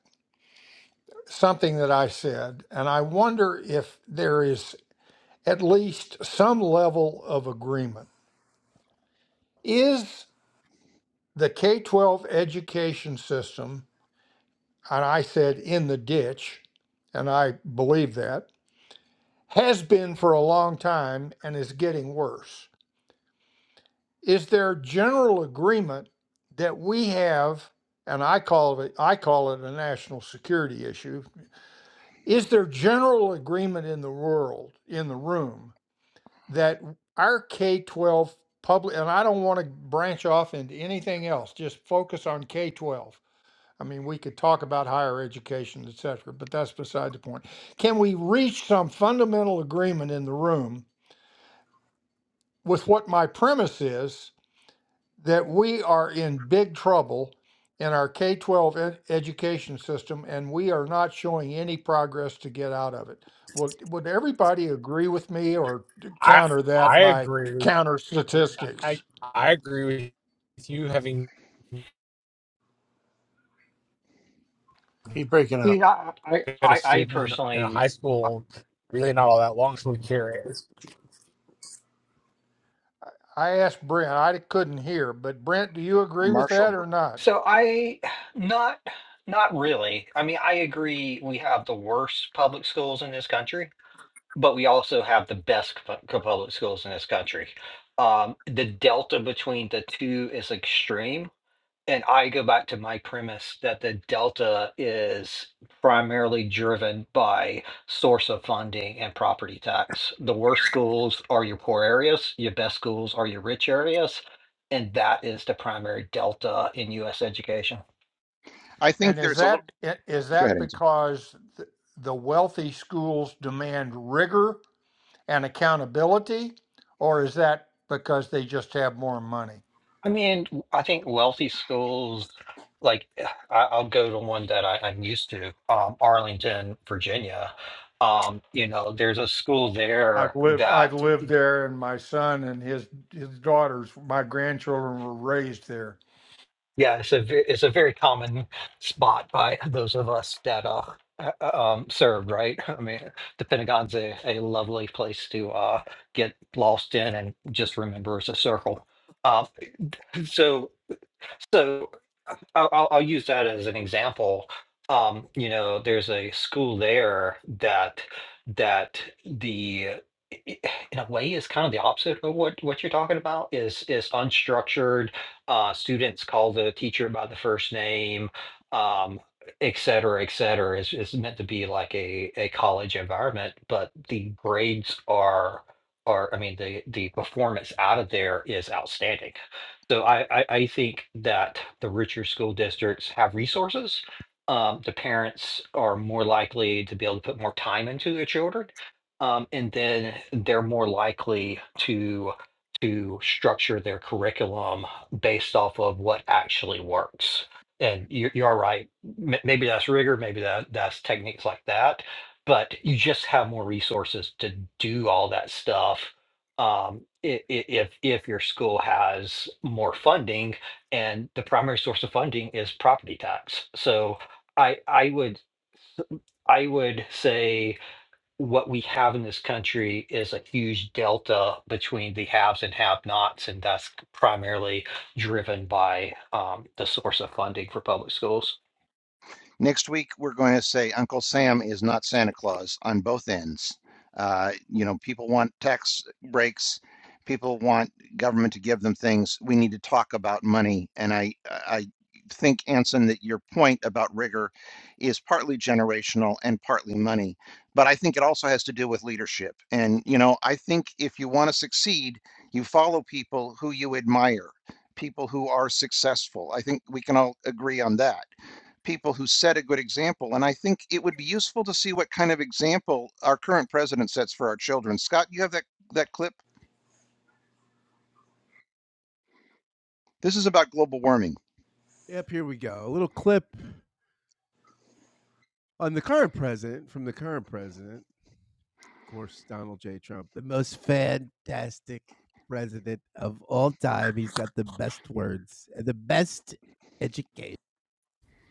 something that I said, and I wonder if there is at least some level of agreement. Is the K 12 education system, and I said in the ditch, and I believe that, has been for a long time and is getting worse. Is there general agreement that we have, and I call it I call it a national security issue, is there general agreement in the world, in the room that our K 12 public, and I don't want to branch off into anything else, just focus on K 12. I mean, we could talk about higher education, et cetera, but that's beside the point. Can we reach some fundamental agreement in the room with what my premise is? that we are in big trouble in our K 12 ed- education system and we are not showing any progress to get out of it. Would, would everybody agree with me or d-
I
counter that
I
by
agree. with-
counter
I
statistics?
I agree with you having
He's breaking up.
Yeah, I
been
I
a
I I
student in a
personally
high
uh,
school really not all that long. So I'm curious.
I asked Brent, I couldn't hear, but Brent, do you agree with
Marshall,
that
Br-
or not?
so I not not really. I mean, I agree we have the worst public schools in this country, but we also have the best pu- pu- public schools in this country. Um, the delta between the two is extreme. and I go back to my premise that the delta is primarily driven by source of funding and property tax. The worst schools are your poor areas, your best schools are your rich areas. And that is the primary delta in US education.
I
And
think
is
there's a little.
that i- is
Go ahead. Anson.
that because th- the wealthy schools demand rigor and accountability, or is that because they just have more money?
I mean, w- I think wealthy schools, like I, I'll go to one that I, I'm used to, um, Arlington, Virginia. Um, you know, there's a school there
I've lived I've
that
lived there, and my son and his his daughters, my grandchildren were raised there.
Yeah, it's a ve- it's a very common spot by those of us that uh, uh, uh, um, served, right? I mean, the Pentagon's a, a lovely place to uh, get lost in and just remember it's a circle. Uh, so so I'll, I'll I'll use that as an example. Um, you know, there's a school there that that the i- in a way is kind of the opposite of what what you're talking about is is unstructured. Uh, students call the teacher by the first name, um, et cetera, et cetera. Is is meant to be like a a college environment, but the grades are are I mean the the performance out of there is outstanding so I, I, I think that the richer school districts have resources. Um, the parents are more likely to be able to put more time into their children. Um, and then they're more likely to to structure their curriculum based off of what actually works. And you, you are right. M- maybe that's rigor, maybe that that's techniques like that, but you just have more resources to do all that stuff um, i- i- if if your school has more funding and the primary source of funding is property tax. So I I would I would say what we have in this country is a huge delta between the haves and have-nots, and that's primarily driven by um, the source of funding for public schools.
Next week, we're going to say Uncle Sam is not Santa Claus on both ends. Uh, you know, people want tax breaks. People want government to give them things. We need to talk about money. And I, I think, Anson, that your point about rigor is partly generational and partly money. But I think it also has to do with leadership. And, you know, I think if you want to succeed, you follow people who you admire, people who are successful. I think we can all agree on that people who set a good example. And I think it would be useful to see what kind of example our current president sets for our children. Scott, you have that, that clip? This is about global warming.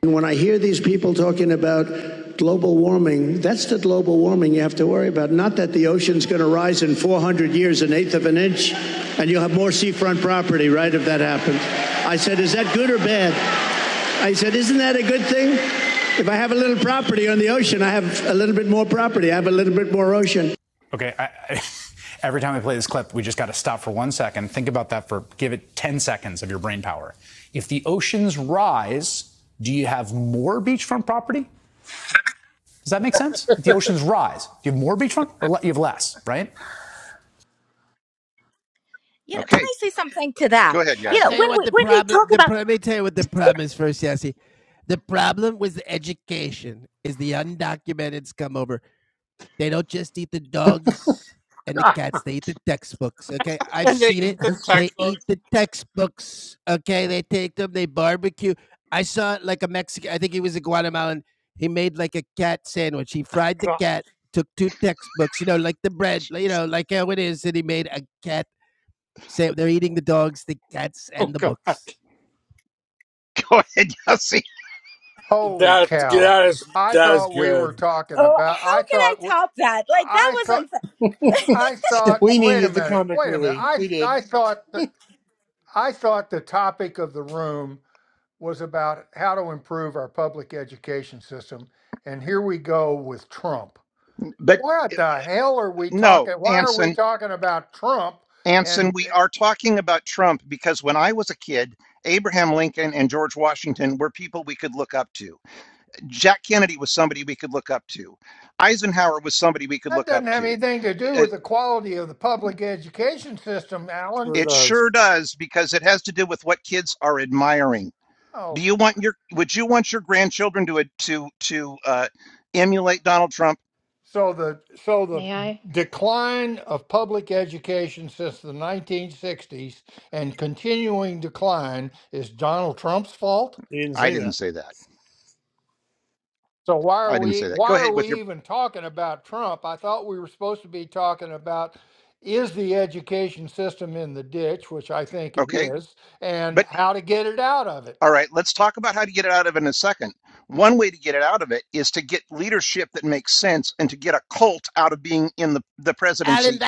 And when I hear these people talking about global warming, that's the global warming you have to worry about. Not that the ocean's going to rise in 400 years an eighth of an inch and you'll have more seafront property, right, if that happens. I said, is that good or bad? I said, isn't that a good thing? If I have a little property on the ocean, I have a little bit more property, I have a little bit more ocean.
You know, can
Okay,
I say something to that?
go ahead,
You know,
Yossi.
when we when we talk about
God,
And they eat the
that's just
textbook.
God. Oh, God.
Go ahead, Yossi.
Holy
That's
cow!
that is
I
that is
thought we were
good.
talking
oh, how can
about. I
I
thought. we-
top that? Like that
I
was
thought.
unfair.
I thought.
We
Wait a
needed the
minute.
comic
Wait a minute.
relief.
I
We did.
I thought that I thought the topic of the room was about how to improve our public education system, and here we go with Trump.
But
What
eh,
the hell are we
no,
talking? Why are we
Anson,
talking about Trump?
Anson,
And.
we are talking about Trump because when I was a kid, Abraham Lincoln and George Washington were people we could look up to. Jack Kennedy was somebody we could look up to. Eisenhower was somebody we could
That
look
doesn't
up
have
to.
anything to do
It,
with the quality of the public education system, Alan.
Sure
it
does.
sure does because it has to do with what kids are admiring. Do
Oh,
you want your would you want your grandchildren to to to uh, emulate Donald Trump?
so the so the
May I?
decline of public education since the 1960s and continuing decline is Donald Trump's fault.
He didn't
I
say
didn't
that.
say that.
So why are
I didn't say
we
that. Go
why are
ahead
we
with your
even talking about Trump? I thought we were supposed to be talking about is the education system in the ditch, which I think it
okay.
is,
But
and how to get it out of it.
All right, let's talk about how to get it out of it in a second. One way to get it out of it is to get leadership that makes sense and to get a cult out of being in the, the presidency.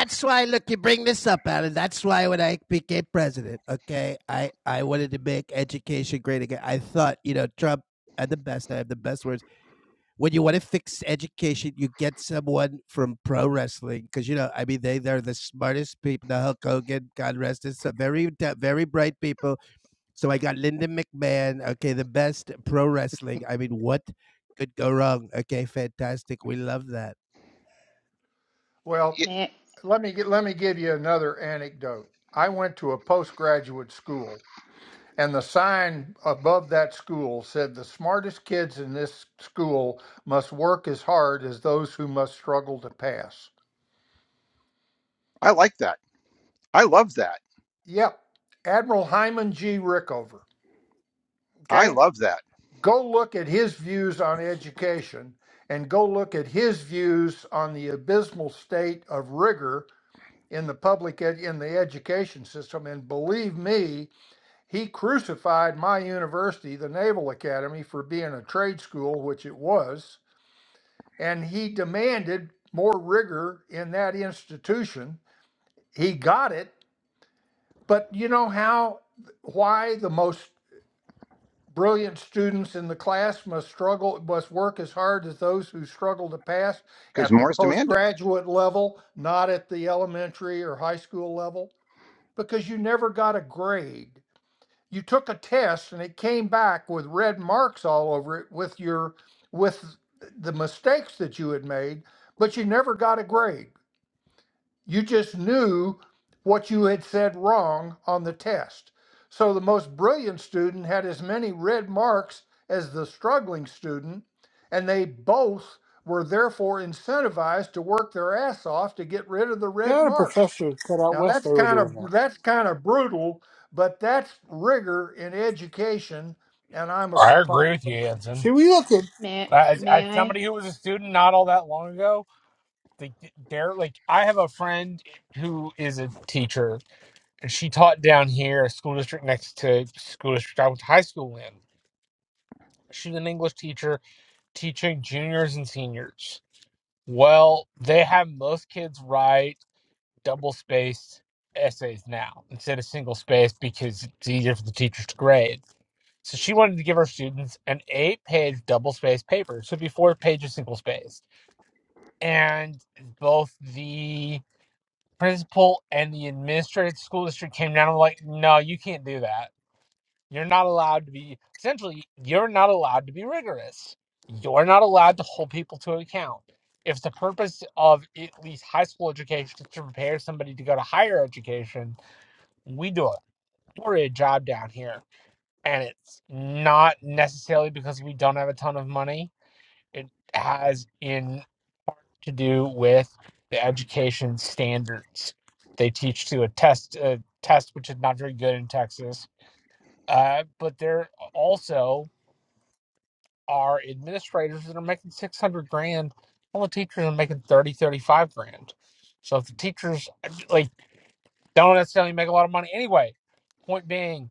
Well,
It,
May
let me get, let me give you another anecdote. I went to a postgraduate school, and the sign above that school said, "The smartest kids in this school must work as hard as those who must struggle to pass."
I like that. I love that.
Yep, Admiral Hyman G. Rickover.
I
Okay,
love that
go look at his views on education, and go look at his views on the abysmal state of rigor in the public ed- in the education system. And believe me, He crucified my university, the Naval Academy, for being a trade school, which it was, and he demanded more rigor in that institution. He got it, but you know how, why the most brilliant students in the class must struggle, must work as hard as those who struggle to pass
because
at the
more is demanded.
postgraduate level, not at the elementary or high school level? Because you never got a grade you took a test and it came back with red marks all over it with your with the mistakes that you had made, but you never got a grade. You just knew what you had said wrong on the test. So the most brilliant student had as many red marks as the struggling student, and they both were therefore incentivized to work their ass off to get rid of the
Yeah, I
red
had a
marks.
professor cut out
Now
west.
that's
They were
kind
doing
of
that.
that's kind of brutal, but that's rigor in education, and I'm a
I
proponent.
agree with you,
See,
Anson.
we look at
May
As,
May
as
I?
somebody who was a student not all that long ago, they dare like I have a friend who is a teacher she taught down here, a school district next to school district I went to high school in. She's an English teacher teaching juniors and seniors. Well, they have most kids write double spaced essays now instead of single space because it's easier for the teachers to grade. So she wanted to give her students an eight page double spaced paper. So it'd be four pages single spaced. And both the principal and the administrative school district came down and were like, no, you can't do that You're not allowed to be, essentially, you're not allowed to be rigorous. You're not allowed to hold people to account. If the purpose of at least high school education is to prepare somebody to go to higher education, we do a horrid job down here. And it's not necessarily because we don't have a ton of money. It has in to do with the education standards. They teach to a test, a test which is not very good in Texas. Uh, but they're also are administrators that are making 600 grand all the teachers are making 30 35 grand so if the teachers like don't necessarily make a lot of money anyway point being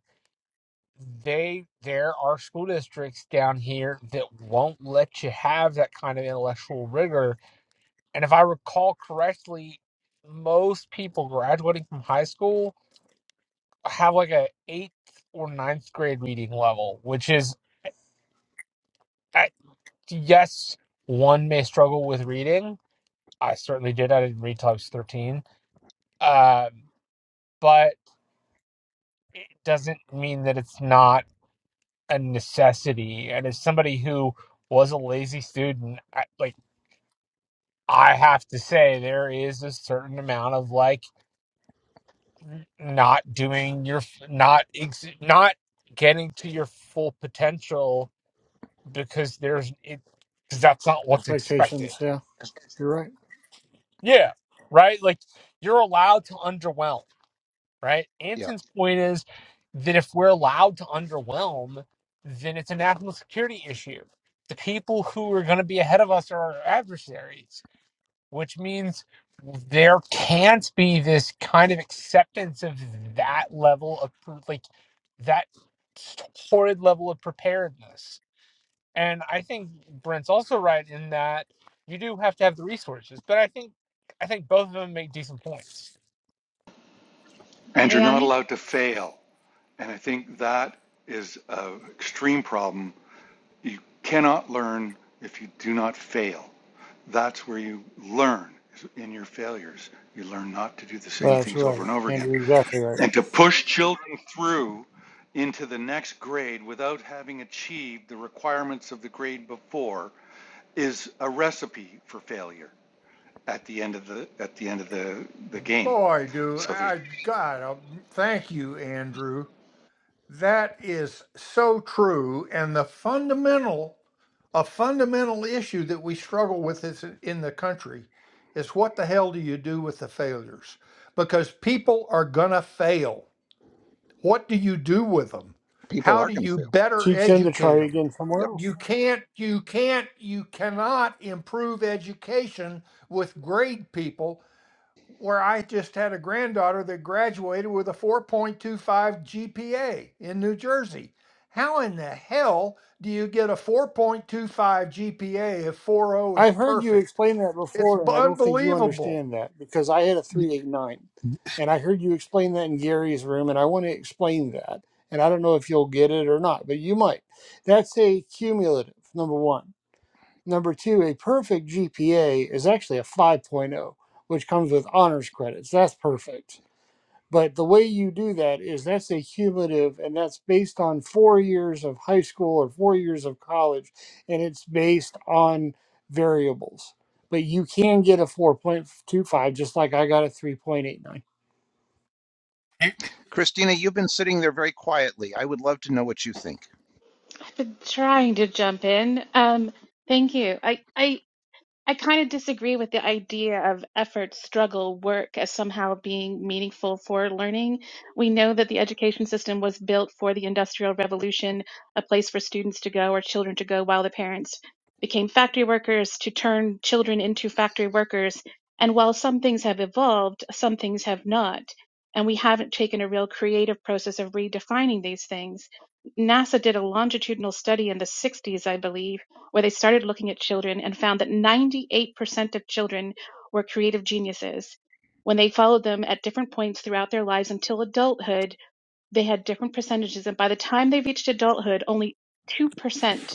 they there are school districts down here that won't let you have that kind of intellectual rigor and if i recall correctly most people graduating from high school have like a eighth or ninth grade reading level which is I- yes one may struggle with reading I certainly did. I didn't read till I was 13. Uh, but it doesn't mean that it's not a necessity. And as somebody who was a lazy student, I, like, I have to say, there is a certain amount of like not doing your, not, ex- not getting to your full potential because there's, it, because that's not what's expected.
Expectations, yeah. You're right.
Yeah. Right. Like, you're allowed to underwhelm right?
Yeah,
Anson's point is that if we're allowed to underwhelm, then it's a national security issue. The people who are going to be ahead of us are our adversaries, which means there can't be this kind of acceptance of that level of pre- like that horrid level of preparedness. And I think Brent's also right in that you do have to have the resources, but I think I think both of them make decent points.
And you're
May
not
I?
allowed to fail. And I think that is a extreme problem. You cannot learn if you do not fail. That's where you learn is in your failures. You learn not to do the same
That's
things over
right.
and over again.
Andrew, exactly right.
And to push children through into the next grade without having achieved the requirements of the grade before is a recipe for failure at the end of the at the end of the the game.
Boy, do
So there's
I God, uh, thank you, Andrew That is so true. And the fundamental, a fundamental issue that we struggle with is in the country is what the hell do you do with the failures? Because people are going to fail. What do you do with them?
people
How
are
do
going to
you
fail.
better
Teach them to
Yep,
educate
try
them?
again somewhere
yep.
else.
You can't, you can't, you cannot improve education with grade people where I just had a granddaughter that graduated with a 4.25 GPA in New Jersey. How in the hell do you get a 4.25 GPA if 4.0 is
I've heard you
perfect?
explain that
It's
before,
b-
and I don't think you
unbelievable.
understand that because I had a 389. And I heard you explain that in Gary's room, and I want to explain that. And I don't know if you'll get it or not, but you might. That's a cumulative, number one. Number two, a perfect GPA is actually a 5.0, which comes with honors credits. That's perfect. But the way you do that is that's a cumulative, and that's based on four years of high school or four years of college, and it's based on variables. But you can get a 4.25, just like I got a 3.89. I
Christina, you've been sitting there very quietly. I would love to know what you think.
I've been trying to jump in. Um, thank you. I, I, I kind of disagree with the idea of effort, struggle, work as somehow being meaningful for learning. We know that the education system was built for the Industrial Revolution, a place for students to go or children to go while the parents became factory workers to turn children into factory workers. And while some things have evolved, some things have not. And we haven't taken a real creative process of redefining these things. NASA did a longitudinal study in the 60s, I believe, where they started looking at children and found that 98% of children were creative geniuses. When they followed them at different points throughout their lives until adulthood, they had different percentages. And by the time they reached adulthood, only 2%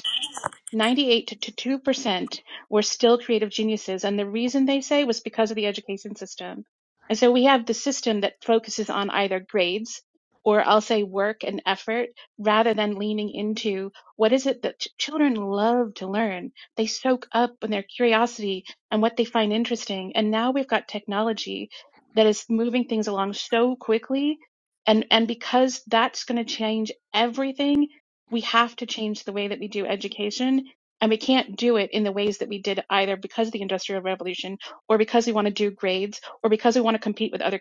98 to 2% were still creative geniuses. And the reason they say was because of the education system. And so we have the system that focuses on either grades or I'll say work and effort rather than leaning into what is it that children love to learn. They soak up in their curiosity and what they find interesting. And now we've got technology that is moving things along so quickly. And, and because that's going to change everything, we have to change the way that we do education and we can't do it in the ways that we did either because of the industrial revolution or because we want to do grades or because we want to compete with other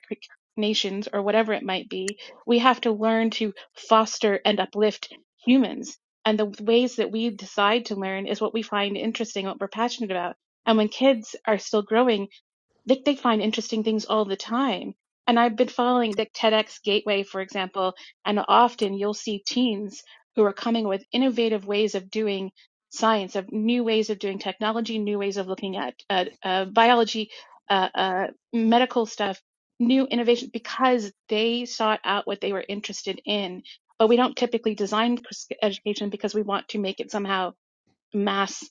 nations or whatever it might be we have to learn to foster and uplift humans and the ways that we decide to learn is what we find interesting what we're passionate about and when kids are still growing they, they find interesting things all the time. And I've been following the TEDx Gateway, for example, and often you'll see teens who are coming with innovative ways of doing science, of new ways of doing technology, new ways of looking at uh, uh, biology, uh, uh, medical stuff, new innovations, because they sought out what they were interested in. But we don't typically design education because we want to make it somehow mass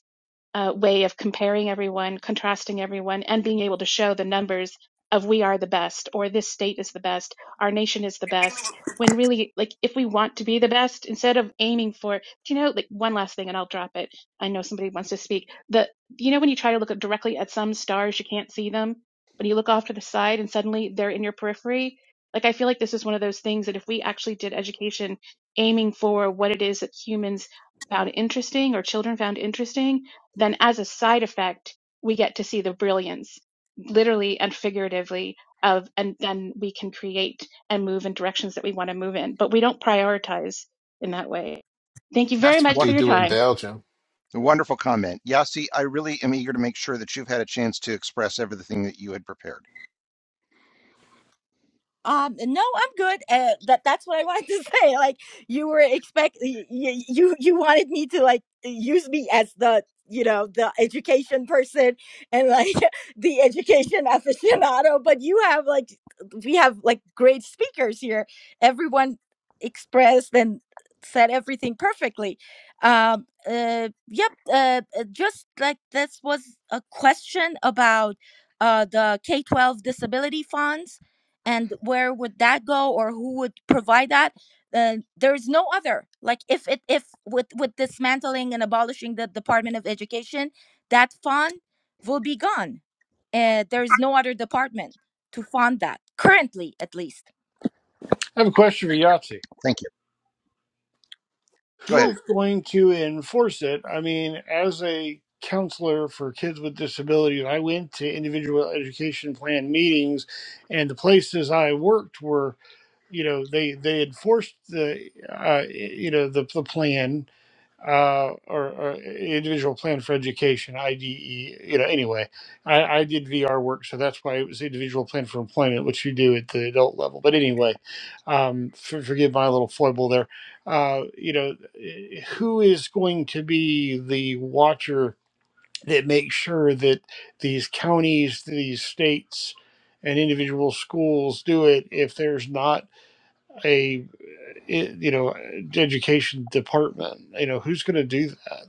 uh, way of comparing everyone, contrasting everyone, and being able to show the numbers of we are the best, or this state is the best, our nation is the best. When really, like, if we want to be the best, instead of aiming for, do you know, like, one last thing and I'll drop it. I know somebody wants to speak. The, you know, when you try to look at directly at some stars, you can't see them, but you look off to the side and suddenly they're in your periphery. Like, I feel like this is one of those things that if we actually did education aiming for what it is that humans found interesting or children found interesting, then as a side effect, we get to see the brilliance, literally and figuratively, of and then we can create and move in directions that we want to move in. But we don't prioritize in that way. Thank you very
That's what
much for
they
your
do in
time.
Belgium.
A Wonderful comment. Yasi, I really am eager to make sure that you've had a chance to express everything that you had prepared.
Um, no, I'm good. Uh, that that's what I wanted to say. Like you were expect you you you wanted me to like use me as the you know the education person and like the education aficionado, but you have like we have like great speakers here. Everyone expressed and said everything perfectly. Um, uh, yep. Uh, uh, just like this was a question about uh the K twelve disability funds and where would that go or who would provide that uh, there is no other like if it if with with dismantling and abolishing the department of education that fund will be gone uh, there is no other department to fund that currently at least
have a question for Yahtzee.
Thank you. Go
Sure.
ahead.
Who's going to enforce it? I mean, as a counselor for kids with disabilities, I went to individual education plan meetings, and the places I worked were you know they they enforced the uh, you know the, the plan uh, or, or individual plan for education IDE you know anyway I, I did VR work so that's why it was individual plan for employment which you do at the adult level but anyway um, for, forgive my little foible there uh, you know who is going to be the watcher that makes sure that these counties these states and individual schools do it if there's not a eh, you know education department. You know who's going to do that?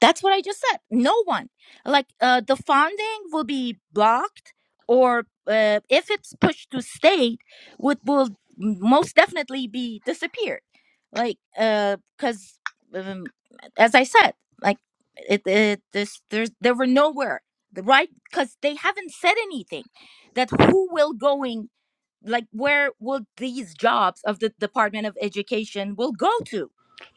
That's what I just said. No one. Like uh, the funding will be blocked, or uh, if it's pushed to state, would will most definitely be disappeared. Like, because um, as I said, like it, it this there's there were nowhere the right because they haven't said anything that who will going like where will these jobs of the department of education will go to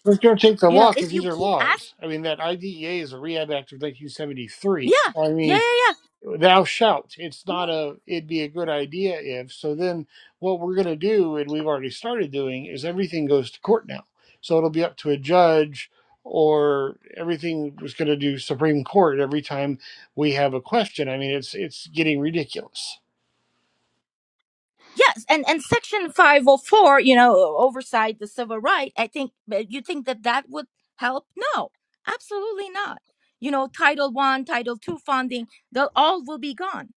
It's going to take the
you know
law
if
because these
you
are
keep asking
laws. I mean that IDEA is a rehab act of 1973.
yeah
So I
yeah
mean
yeah yeah.
thou shalt it's not
Mm,
a it'd be a good idea if so then what we're going to do and we've already started doing is everything goes to court now so it'll be up to a judge or everything was going to do supreme court every time we have a question i mean it's it's getting ridiculous
Yes, and and Section five hundred four, you know, oversight the civil right. I think but you think that that would help? No, absolutely not. You know, Title One, Title Two funding, they'll all will be gone.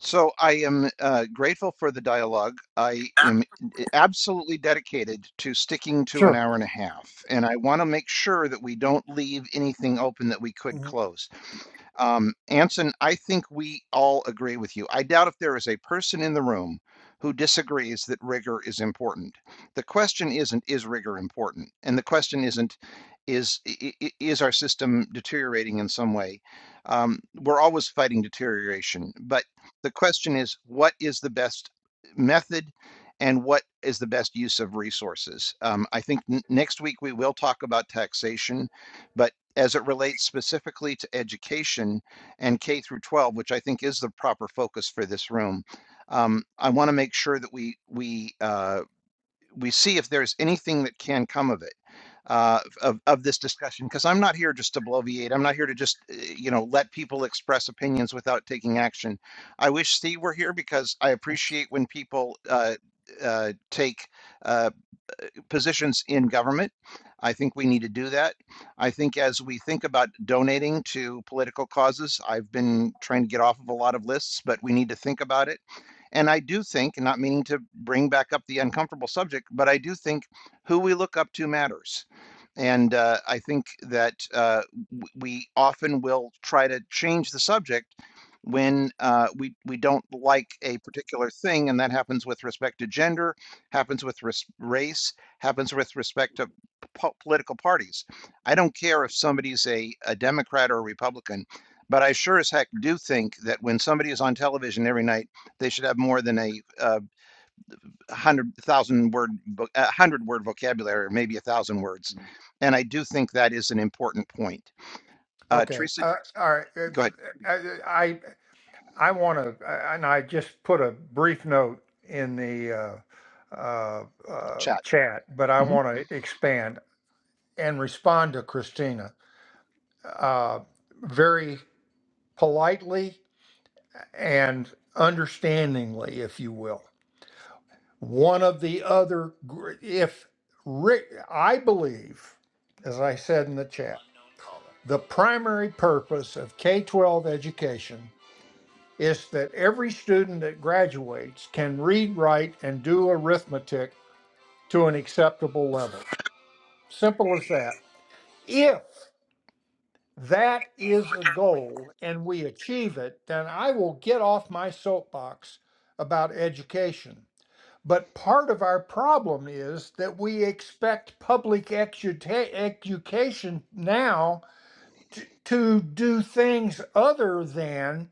So I am uh, grateful for the dialogue. I am eh, absolutely dedicated to sticking to an
Sure.
hour and a half, and I want to make sure that we don't leave anything open that we could
Mhm,
close. Um, Anson, I think we all agree with you. I doubt if there is a person in the room who disagrees that rigor is important. The question isn't, is rigor important? And the question isn't, is, is our system deteriorating in some way? Um, we're always fighting deterioration, but the question is, what is the best method and what is the best use of resources? Um, I think n- next week we will talk about taxation, but as it relates specifically to education and K through 12, which I think is the proper focus for this room. Um, I want to make sure that we we uh, we see if there's anything that can come of it uh, of of this discussion, because I'm not here just to bloviate. I'm not here to just uh, you know let people express opinions without taking action. I wish Steve were here because I appreciate when people uh, uh, take. uh, positions in government. I think we need to do that. I think as we think about donating to political causes, I've been trying to get off of a lot of lists, but we need to think about it. And I do think, not meaning to bring back up the uncomfortable subject, but I do think who we look up to matters. And uh, I think that uh, we often will try to change the subject when uh, we, we don't like a particular thing. And that happens with respect to gender, happens with res- race, happens with respect to po- political parties. I don't care if somebody's a, a Democrat or a Republican, but I sure as heck do think that when somebody is on television every night, they should have more than a uh, hundred thousand word a hundred word vocabulary or maybe a thousand words and i do think that is an important point uh
Okay,
teresa
uh, all right. It's,
go ahead
I I, I want to, and I just put a brief note in the uh, uh, uh,
chat
chat, but I
Mhm.
want to expand and respond to Christina uh, very politely and understandingly, if you will. One of the other, gr- if Rick, I believe, as I said in the chat, the primary purpose of K 12 education is that every student that graduates can read, write, and do arithmetic to an acceptable level. Simple as that. If that is a goal and we achieve it, then I will get off my soapbox about education But part of our problem is that we expect public exuta- education now to, to do things other than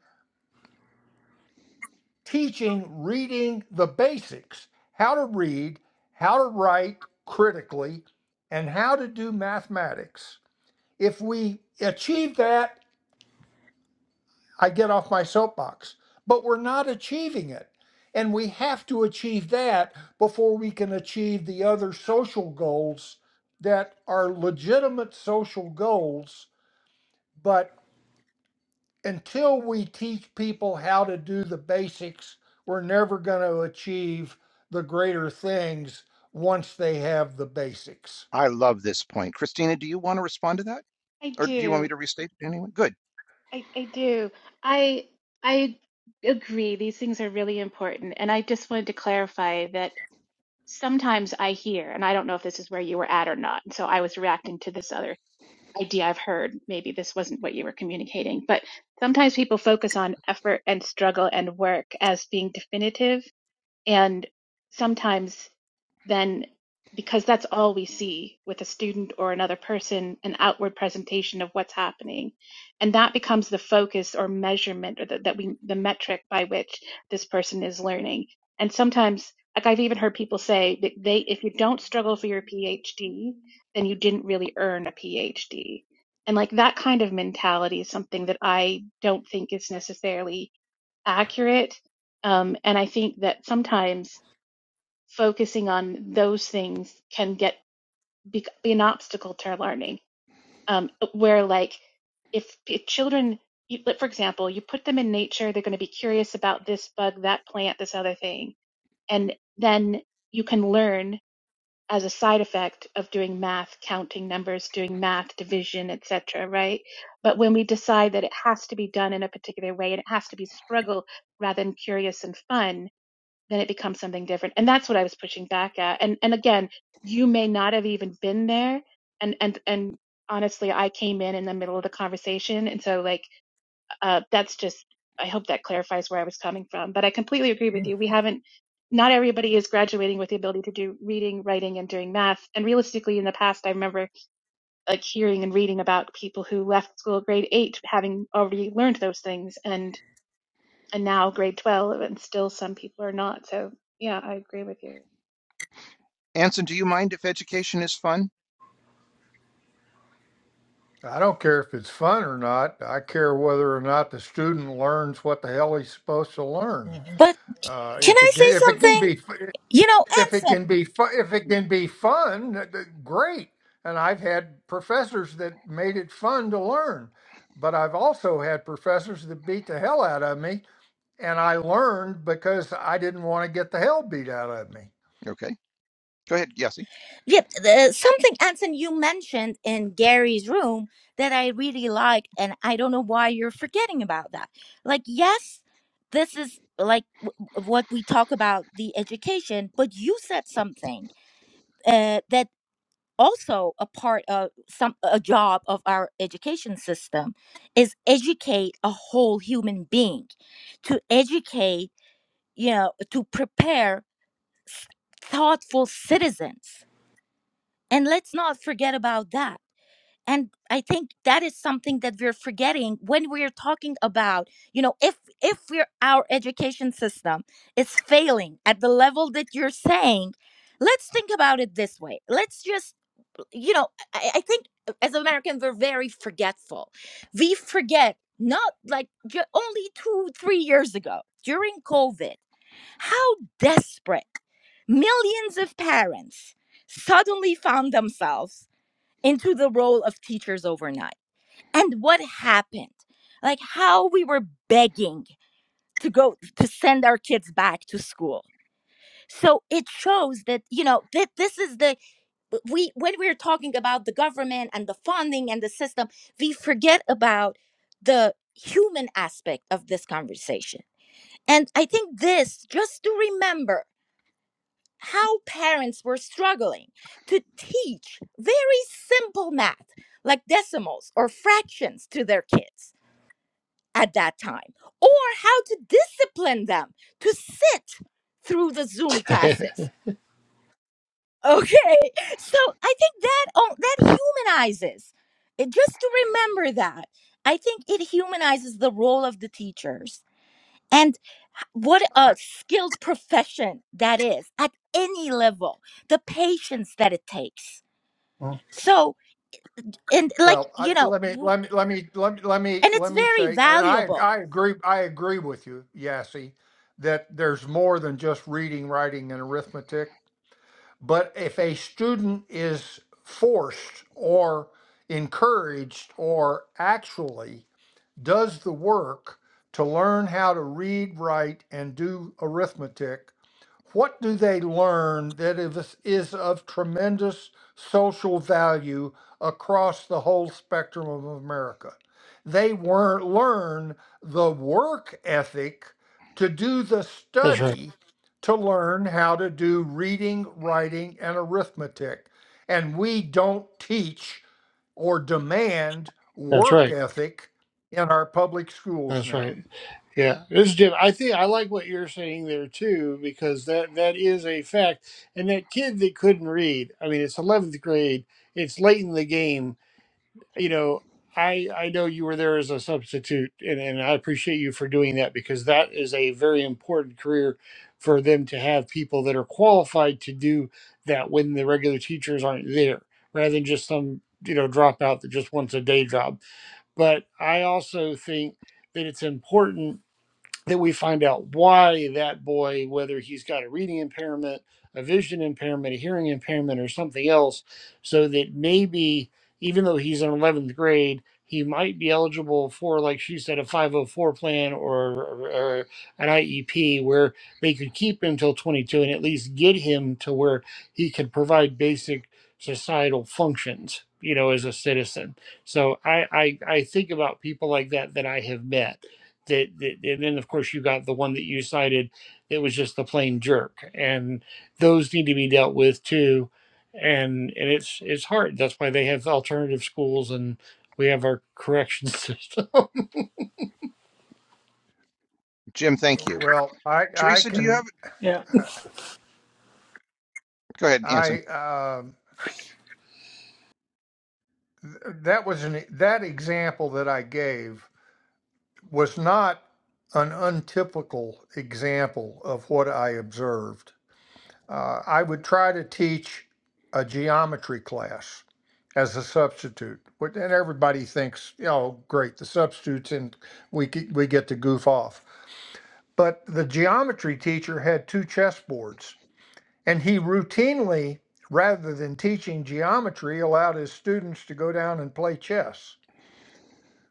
teaching reading the basics how to read, how to write critically, and how to do mathematics. If we achieve that, I get off my soapbox. But we're not achieving it. And we have to achieve that before we can achieve the other social goals that are legitimate social goals. But until we teach people how to do the basics, we're never going to achieve the greater things once they have the basics.
i love this point christina do you want to respond to that
I
or do you want me
do.
to restate it anyway good
I, I do. I I agree. These things are really important. And I just wanted to clarify that sometimes I hear, and I don't know if this is where you were at or not. So I was reacting to this other idea I've heard. Maybe this wasn't what you were communicating, but sometimes people focus on effort and struggle and work as being definitive and sometimes then, because that's all we see with a student or another person, an outward presentation of what's happening. And that becomes the focus or measurement or the, that we, the metric by which this person is learning. And sometimes, like I've even heard people say that they, if you don't struggle for your PhD, then you didn't really earn a PhD. And like that kind of mentality is something that I don't think is necessarily accurate. Um, and I think that sometimes focusing on those things can get be, be an obstacle to learning. Um, where like if, if children, you, like, for example, you put them in nature, they're going to be curious about this bug, that plant, this other thing, and then you can learn as a side effect of doing math, counting numbers, doing math, division, etc. Right? But when we decide that it has to be done in a particular way and it has to be struggle rather than curious and fun, then it becomes something different and that's what i was pushing back at and and again you may not have even been there and and and honestly i came in in the middle of the conversation and so like uh that's just i hope that clarifies where i was coming from but i completely agree with you we haven't not everybody is graduating with the ability to do reading writing and doing math and realistically in the past i remember like hearing and reading about people who left school at grade 8 having already learned those things and and now grade 12 and still some people are not so yeah i agree with you
anson do you mind if education is fun
I don't care if it's fun or not. I care whether or not the student learns what the hell he's supposed to learn.
mhm,
But
Uh,
can
if
I
it can,
say
if it can
something?
be,
You know,
if it
Anson,
can be, fu- if it can be fun, th- th- great. And I've had professors that made it fun to learn, but I've also had professors that beat the hell out of me, and I learned because I didn't want to get the hell beat out of me.
okay go ahead Yossi.
Yep, the, uh, something Anson you mentioned in Gary's room that I really liked, and I don't know why you're forgetting about that. Like, yes, this is like w- w- what we talk about the education, but you said something uh, that also a part of some a job of our education system is educate a whole human being, to educate, you know, to prepare thoughtful citizens, and let's not forget about that and i think that is something that we're forgetting when we're talking about you know if if we're our education system is failing at the level that you're saying let's think about it this way let's just you know i, I think as americans we're very forgetful we forget not like ju- only two three years ago during covid how desperate millions of parents suddenly found themselves into the role of teachers overnight. And what happened? Like how we were begging to go to send our kids back to school. So it shows that you know that this is the we when we're talking about the government and the funding and the system, we forget about the human aspect of this conversation. And I think this just to remember how parents were struggling to teach very simple math like decimals or fractions to their kids at that time, or how to discipline them to sit through the Zoom classes. Okay, so I think that oh, that humanizes. It, just to remember that, I think it humanizes the role of the teachers. and what
I,
a skilled profession that is at any level the patience that it takes so and like
well, I,
you know
let me
w-
let me let me let me let me
and it's
let me
very
say, and I
valuable
I agree I agree with you, Yassi, that there's more than just reading, writing, and arithmetic But if a student is forced or encouraged or actually does the work to learn how to read, write, and do arithmetic what do they learn that is, is of tremendous social value across the whole spectrum of America? They were, learn the work ethic to do the
that's mhm. right
study to learn how to do reading, writing, and arithmetic. And we don't teach or demand
that's
work
right
ethic in our public schools
that's right
now.
Yeah, this is Jim. I think I like what you're saying there too, because that that is a fact. And that kid that couldn't read, I mean, it's 11th grade. It's late in the game. You know, I I know you were there as a substitute, and and I appreciate you for doing that because that is a very important career for them to have people that are qualified to do that when the regular teachers aren't there, rather than just some you know dropout that just wants a day job. But I also think that it's important that we find out why that boy, whether he's got a reading impairment, a vision impairment, a hearing impairment, or something else, so that maybe even though he's in 11th grade, he might be eligible for, like she said, a 504 plan or, or an IEP where they could keep him till 22 and at least get him to where he could provide basic societal functions, you know, as a citizen. So I, I, I think about people like that that I have met that, that and then of course you got the one that you cited that was just the plain jerk and those need to be dealt with too and and it's it's hard that's why they have alternative schools and we have our correction system
jim thank you
Well, I I
teresa do you have
can
Yeah.
I
go ahead anson
I, um that was an that example that I gave was not an untypical example of what I observed. Uh, I would try to teach a geometry class as a substitute, but- and everybody thinks, you know, great, the substitutes, and we ge- we get to goof off. But the geometry teacher had two chessboards, and he routinely, rather than teaching geometry, allowed his students to go down and play chess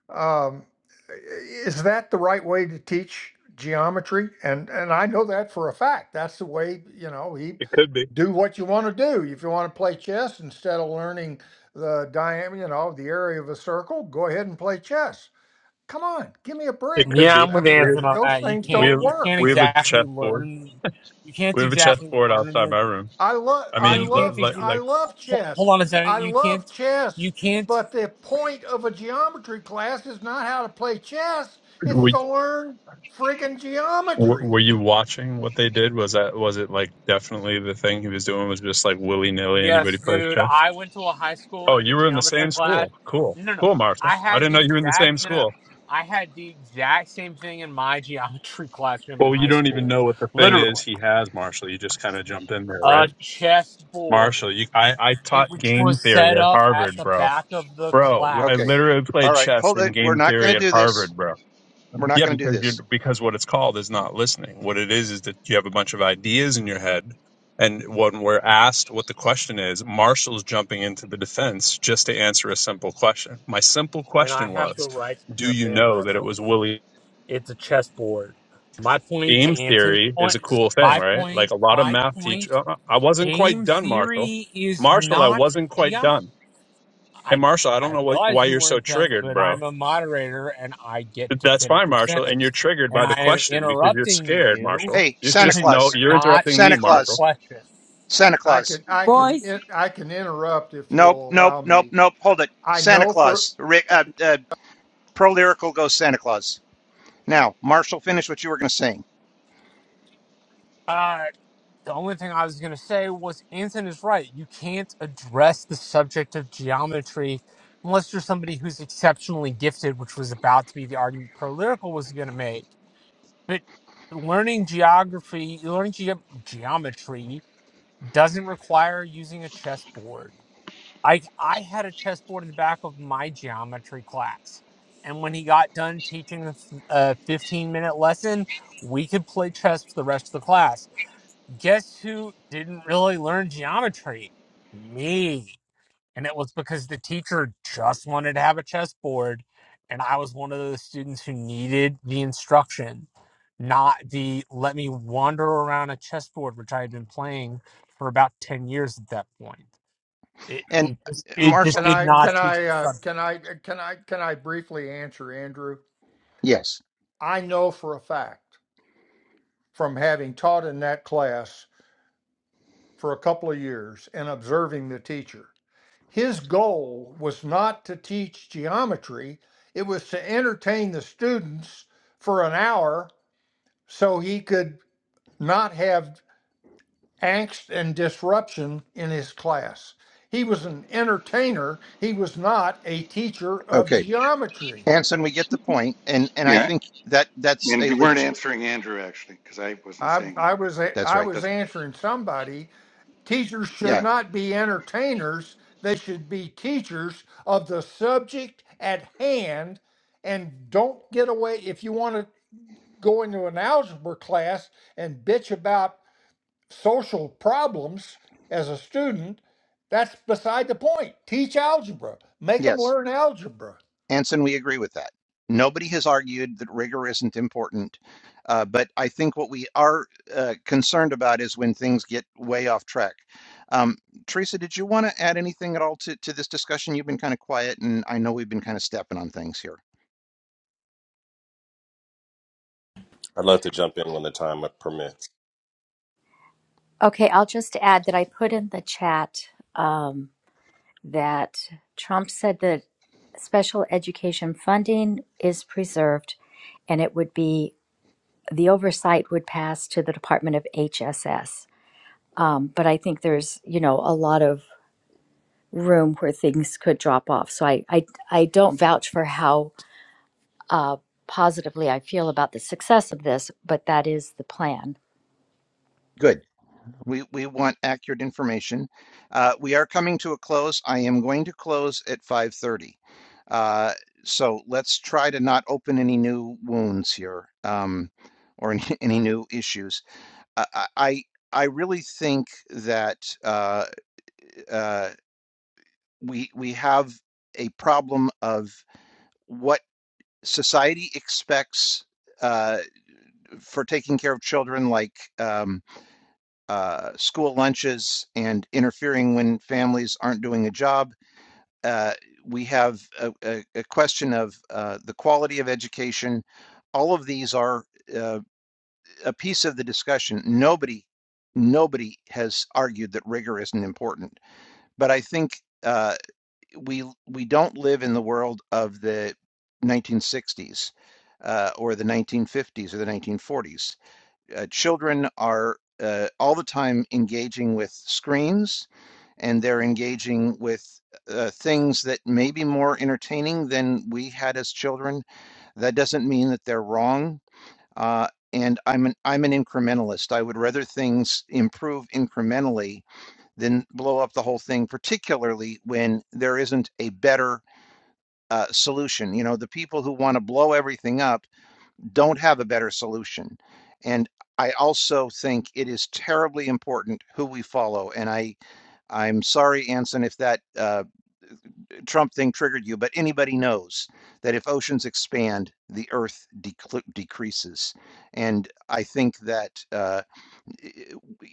Um, is that the right way to teach geometry? And and I know that for a fact. That's the way you know he
It could be.
do what you want to do. If you want to play chess instead of learning the diameter, you know, the area of a circle, go ahead and play chess. Come on, give me a
It
break.
could
Yeah,
be.
I'm
I
with
We
mean,
have
Anson
th-
on
those
that. You
things
we
can't
don't
have
you can't
work.
we have a
exactly
chessboard.
learn you can't
We have a
exactly
chessboard
learn
outside
the
my room.
I love
I
well
I
mean,
you can't
li-
love ch-
ex-
like
I
like
love
hold, hold
chess.
on a second.
I
You can't
love
you
chess,
can't
but the point of a geometry class is not how to play chess. It's
we
to learn friggin'
were were
geometry.
you watching what they did? Was that was it like definitely the thing he was doing was just like willy nilly
yes,
anybody play
dude.
chess?
I went to a high school
Oh,
in a
you were in the
geometry
same
class.
school. Cool,
No no.
cool, Marshall.
I
I
had
didn't know
the
you were in the
exact
same
no no no.
school.
I had the exact same thing in my geometry classroom in
Well, you
high
don't even
school.
know what the thing is
Literally.
he has, Marshall. You just kind of jumped in there,
A
right?
chessboard.
Marshall, you, I, I
It
taught
which
game
was set
theory at
up at
Harvard,
the
bro.
back of the
Bro, I
okay
class.
literally
all
played
right
chess
hold
in
it we're
game
not going
theory
to
at
do this
Harvard, bro.
we're not
Yeah,
going to do
because you're
this
because what it's called is not listening. What it is is that you have a bunch of ideas in your head, and when we're asked what the question is, Marshall's jumping into the defense just to answer a simple question. My simple
And I
question
have the
was,
right to
"Do
jump
you
in,
know that it
bro.
was Willie?"
It's a chessboard. My point to
Game
Anton's
theory is
point.
a cool thing,
My
right?
point.
Like a lot of
My
math teach.
point.
Uh, uh, I wasn't quite
Game
done, Marshall.
theory is
Marshall, I
not.
wasn't
Gee,
quite
I'm.
done. Hey,
I.
Marshall, I don't
I
know wh-
realize
why
you
you're so
weren't done,
triggered,
but
bro
I'm a moderator and I get to
That's
finish
fine,
a
Marshall. And
sentence.
you're triggered
And
by
I
the
am
question because you're
interrupting
scared,
you
Marshall.
hey
You're
santa
just
because you
no,
claus
are
you're
not
interrupting
santa
me,
answering the
Marshall.
claus
question.
santa
I
claus
can I can
boys
in- I can interrupt if
Nope,
you'll
nope,
allow
nope,
me.
nope. Hold it.
I
Santa
know for
Claus. Rick, uh, uh, Pro Lyrical goes Santa Claus. Now, Marshall, finish what you were going to sing.
Uh, The only thing I was going to say was Anson is right. You can't address the subject of geometry unless you're somebody who's exceptionally gifted, which was about to be the argument Pro Lyrical was going to make. But learning geography, learning ge- geometry doesn't require using a chessboard. I, I had a chessboard in the back of my geometry class. And when he got done teaching a 15 minute lesson, we could play chess for the rest of the class guess who didn't really learn geometry? Me. And it was because the teacher just wanted to have a chessboard, and I was one of those students who needed the instruction, not the let me wander around a chessboard, which I had been playing for about 10 years at that point. It,
And
it, just,
uh,
it
Marshall,
just
can
did
I
not
can
teach.
I uh, can I can I can I briefly answer Andrew?
yes,
I know for a fact from having taught in that class for a couple of years and observing the teacher. His goal was not to teach geometry, it was to entertain the students for an hour so he could not have angst and disruption in his class. He was an entertainer, he was not a teacher of
okay.
geometry.
Anson, we get the point, and and I
yeah,
think that that's
and
a
you weren't
legit.
answering Andrew actually because I wasn't
I,
saying
I
that,
was a-
That's
I
right.
but
was
that's okay.
answering somebody. Teachers should
Yeah.
Yeah,
not be entertainers. They should be teachers of the subject at hand and don't get away if you want to go into an algebra class and bitch about social problems as a student, that's beside the point. Teach algebra, make them
Yes.
learn algebra.
Anson, we agree with that. Nobody has argued that rigor isn't important, uh, but I think what we are uh, concerned about is when things get way off track. Um, Teresa, did you want to add anything at all to, to this discussion? You've been kind of quiet, and I know we've been kind of stepping on things here.
I'd love to jump in when the time permits.
Okay, I'll just add that I put in the chat um, that Trump said that special education funding is preserved and it would be the oversight would pass to the Department of HSS. Um, but I think there's, you know, a lot of room where things could drop off. So I, I, I don't vouch for how uh, positively I feel about the success of this, but that is the plan.
Good. We, we want accurate information. Uh, we are coming to a close. I am going to close at 5:30. Uh, so let's try to not open any new wounds here um, or any, any new issues. I I I really think that uh, uh, we we have a problem of what society expects uh, for taking care of children, like um, uh, school lunches and interfering when families aren't doing a job. Uh, we have a, a, a question of uh, the quality of education. All of these are uh, a piece of the discussion. Nobody, nobody has argued that rigor isn't important but I think uh, we we don't live in the world of the 1960s uh, or the 1950s or the 1940s. Uh, children are uh, all the time engaging with screens, and they're engaging with uh, things that may be more entertaining than we had as children. That doesn't mean that they're wrong. Uh, and I'm an I'm an incrementalist. I would rather things improve incrementally than blow up the whole thing, particularly when there isn't a better uh, solution. You know, the people who want to blow everything up don't have a better solution. And I also think it is terribly important who we follow. And I, I'm sorry, Anson, if that uh, Trump thing triggered you, but anybody knows that if oceans expand, the Earth decl- decreases. And I think that. Uh,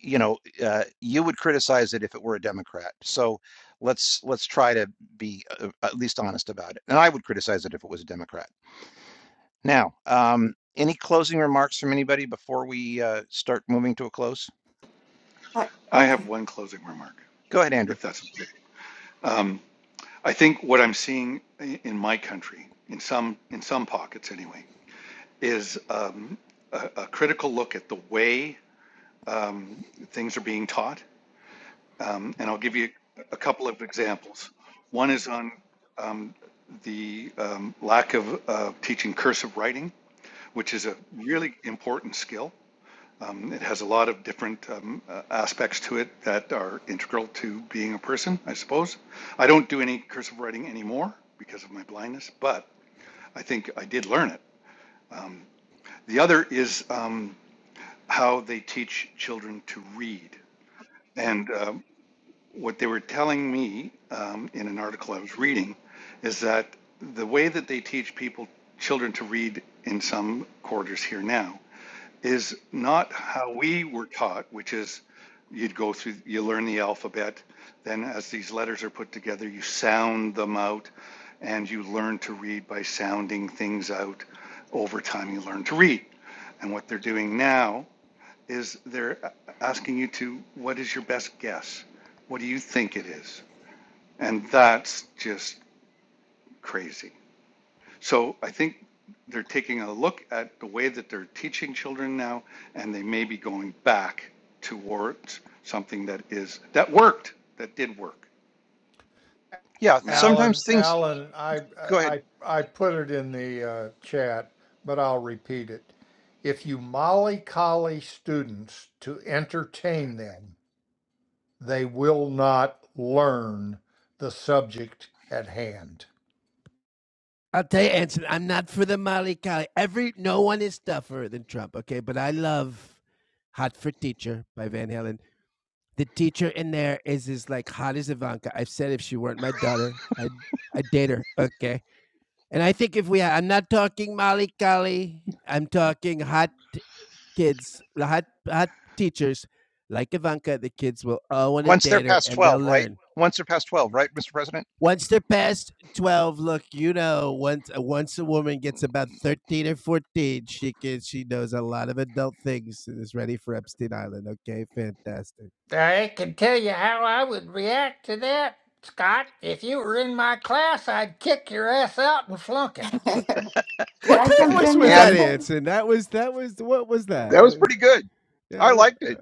you know, uh, you would criticize it if it were a Democrat. So let's let's try to be uh, at least honest about it. And I would criticize it if it was a Democrat. Now, um, any closing remarks from anybody before we uh, start moving to a close?
Uh,
I have
okay.
one closing remark
Go ahead, Andrew.
if that's okay. Um, I think what I'm seeing i- in my country, in some in some pockets anyway, is um, a, a critical look at the way um, things are being taught. Um, and I'll give you a couple of examples. One is on the um, lack of uh, teaching cursive writing, which is a really important skill. Um, it has a lot of different um, uh, aspects to it that are integral to being a person, I suppose. I don't do any cursive writing anymore because of my blindness, but I think I did learn it. The other is um, how they teach children to read. And uh, what they were telling me um, in an article I was reading is that the way that they teach people, children to read in some quarters here now, is not how we were taught, which is you'd go through, you learn the alphabet, then as these letters are put together, you sound them out, and you learn to read by sounding things out. Over time, you learn to read. And what they're doing now is they're asking you to, what is your best guess? What do you think it is? And that's just crazy. So I think they're taking a look at the way that they're teaching children now, and they may be going back towards something that is, that worked, that did work.
Yeah,
Math is the
Alan,
sometimes
same.
things
Alan, I,
go ahead
I, I put it in the uh, chat, but I'll repeat it. If you mollycoddle students to entertain them, they will not learn the subject at hand.
once they're past twelve, right? Once they're past twelve, right, Mr. President?
I can tell you how I would react to that, Scott. If you were in my class, I'd kick your ass out and flunk it.
could I jump in real
And
quick?
that was pretty good. I liked it.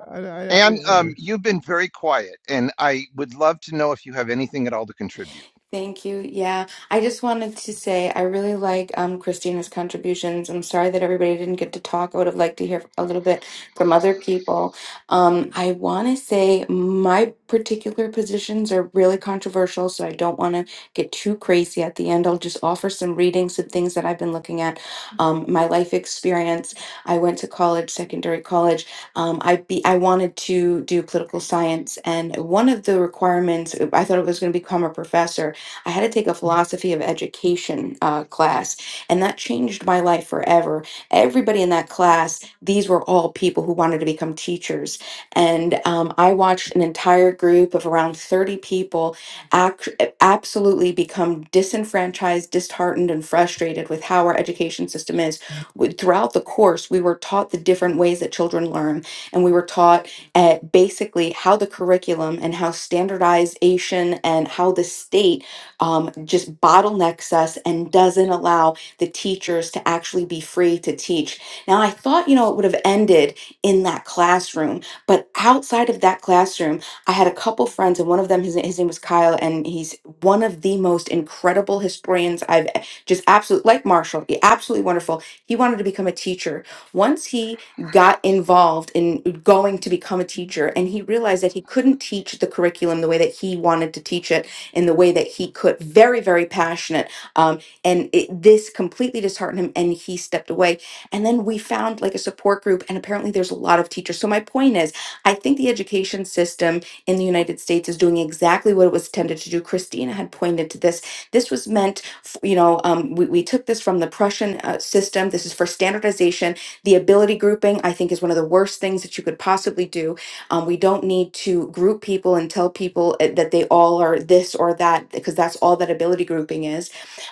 And um, you've been very quiet, and I would love to know if you have anything at all to contribute.
Thank you. Yeah, I just wanted to say I really like um, Christina's contributions. I'm sorry that everybody didn't get to talk. I would have liked to hear a little bit from other people. Um, I want to say my particular positions are really controversial, so I don't want to get too crazy at the end. I'll just offer some readings of things that I've been looking at, um, my life experience. I went to college, secondary college. Um, I be I wanted to do political science, and one of the requirements I thought it was going to become a professor I had to take a philosophy of education uh, class, and that changed my life forever. Everybody in that class, these were all people who wanted to become teachers. And um, I watched an entire group of around 30 people act- absolutely become disenfranchised, disheartened, and frustrated with how our education system is. W- Throughout the course, we were taught the different ways that children learn, and we were taught at basically how the curriculum and how standardization and how the state um, just bottlenecks us and doesn't allow the teachers to actually be free to teach. Now, I thought, you know, it would have ended in that classroom, but outside of that classroom, I had a couple friends, and one of them, his, his name was Kyle, and he's one of the most incredible historians I've e, just absolutely, like Marshall, absolutely wonderful. He wanted to become a teacher. Once he got involved in going to become a teacher and he realized that he couldn't teach the curriculum the way that he wanted to teach it in the way that he could. Very, very passionate. Um, and it, this completely disheartened him and he stepped away. And then we found like a support group, and apparently there's a lot of teachers. So my point is, I think the education system in the United States is doing exactly what it was intended to do. Christina had pointed to this. This was meant, f- you know, um, we, we took this from the Prussian uh, system. This is for standardization. The ability grouping, I think, is one of the worst things that you could possibly do um, we don't need to group people and tell people uh, that they all are this or that because that's all that ability grouping is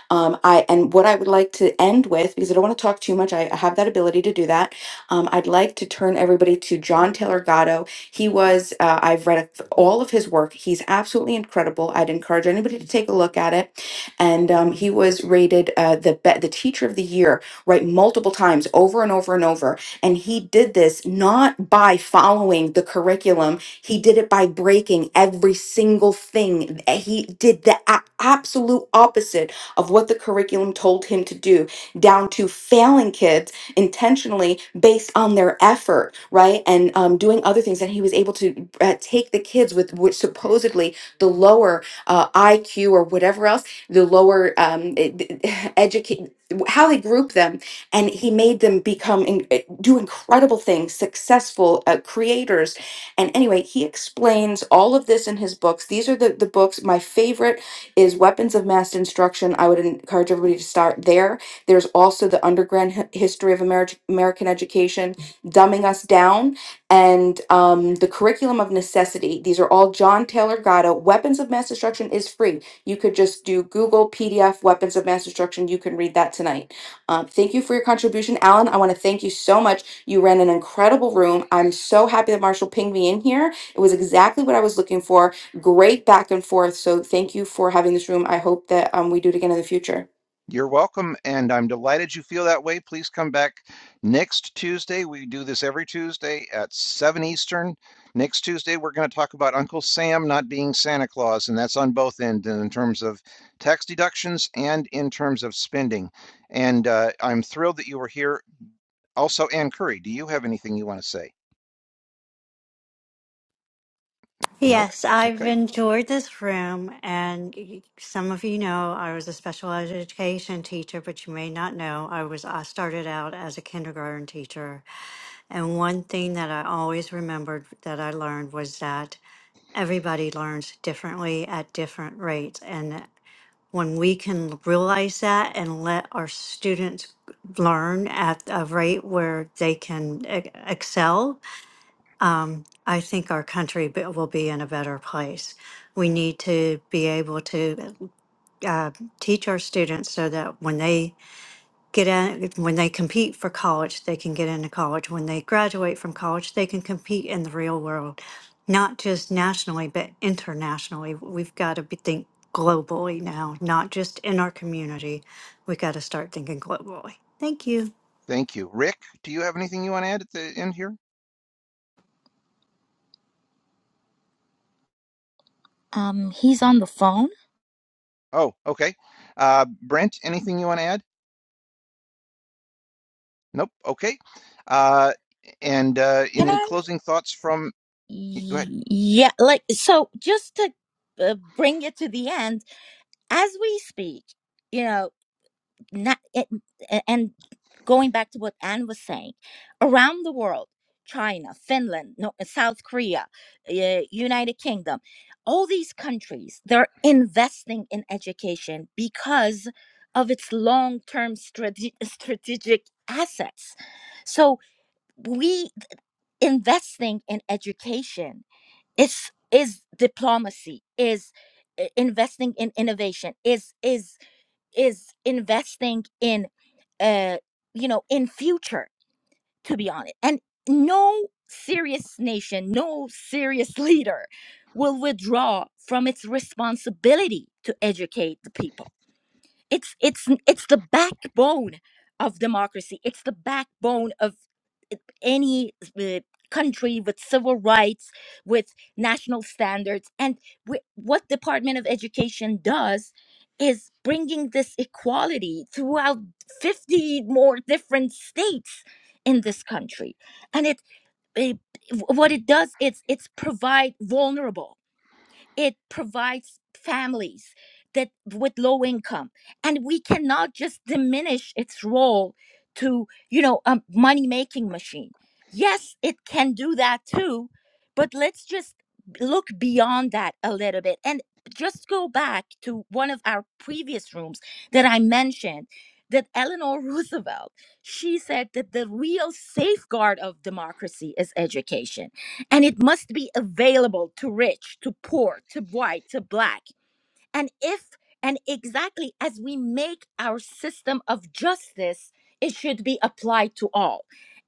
um, I and what I would like to end with, because I don't want to talk too much, I, I have that ability to do that. Um, I'd like to turn everybody to John Taylor Gatto. He was uh, I've read all of his work. He's absolutely incredible. I'd encourage anybody to take a look at it. And um, he was rated uh, the be- the teacher of the year right multiple times, over and over and over. And he did this not by following the curriculum. He did it by breaking every single thing. He did the a- absolute opposite of what the curriculum told him to do, down to failing kids intentionally based on their effort, right? And um, doing other things. And he was able to uh, take the kids with which supposedly the lower uh, IQ or whatever else, the lower um, educate, how they group them. And he made them become, in, eh, do incredible things, successful uh, creators. And anyway, he explains all of this in his books. These are the, the books, my favorite is weapons of mass destruction. I would encourage everybody to start there. There's also the underground hi- history of Ameri- American education, dumbing us down, and um, the curriculum of necessity. These are all John Taylor Gatto. Weapons of mass destruction is free. You could just do Google PDF weapons of mass destruction. You can read that tonight. Um, thank you for your contribution, Alan. I want to thank you so much. You ran an incredible room. I'm so happy that Marshall pinged me in here. It was exactly what I was looking for great back and forth. So thank you for having this room. I hope that um, we do it again in the future.
You're welcome, and I'm delighted you feel that way. Please come back next Tuesday. We do this every Tuesday at 7 Eastern. Next Tuesday, we're going to talk about Uncle Sam not being Santa Claus, and that's on both ends in terms of tax deductions and in terms of spending. And uh, I'm thrilled that you were here. Also, Ann Curry, do you have anything you want to say? Nope.
Yes, I've
Okay.
enjoyed this room, and y- some of you know I was a special education teacher, but you may not know I was I started out as a kindergarten teacher, and one thing that I always remembered that I learned was that everybody learns differently at different rates, and when we can realize that and let our students learn at a rate where they can e- excel um, I think our country be- will be in a better place. We need to be able to uh, teach our students so that when they get in, when they compete for college, they can get into college. When they graduate from college, they can compete in the real world, not just nationally but internationally. We've got to be, think globally now, not just in our community. We have got to start thinking globally. Thank you.
Thank you. Rick, do you have anything you want to add at the end here?
um he's on the phone
Oh, okay. Uh, Brent, anything you want to add? Nope. Okay. Uh, and uh,
can
any
i
closing thoughts from? Go ahead.
Y- yeah like so just to uh, bring it to the end as we speak you know. not it, and going back to what Anne was saying, around the world, China, Finland, no, uh, South Korea, uh, United Kingdom, all these countries, they're investing in education because of its long-term strate- strategic assets. So we investing in education is is diplomacy is uh, investing in innovation is is is investing in uh, you know, in future, to be honest. And no serious nation, no serious leader will withdraw from its responsibility to educate the people. It's it's it's the backbone of democracy. It's the backbone of any uh, country with civil rights, with national standards. And wh- what Department of Education does is bringing this equality throughout 50 more different states in this country. And it, it what it does is it's provide vulnerable it provides families that with low income and we cannot just diminish its role to you know a money making machine yes it can do that too but let's just look beyond that a little bit and just go back to one of our previous rooms that i mentioned that eleanor roosevelt she said that the real safeguard of democracy is education and it must be available to rich, to poor, to white, to black. And if and exactly as we make our system of justice, it should be applied to all.